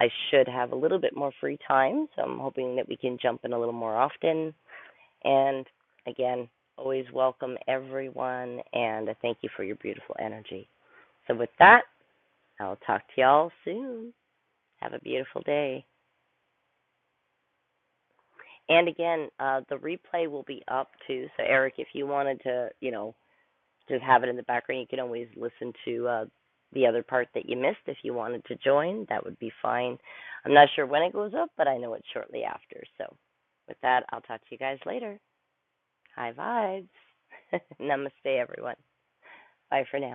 A: I should have a little bit more free time. So I'm hoping that we can jump in a little more often. And again, always welcome everyone, and I thank you for your beautiful energy. So with that, I'll talk to y'all soon. Have a beautiful day. And again, uh, the replay will be up too. So Eric, if you wanted to, you know, just have it in the background. You can always listen to uh, the other part that you missed if you wanted to join. That would be fine. I'm not sure when it goes up, but I know it's shortly after. So, with that, I'll talk to you guys later. High vibes. *laughs* Namaste, everyone. Bye for now.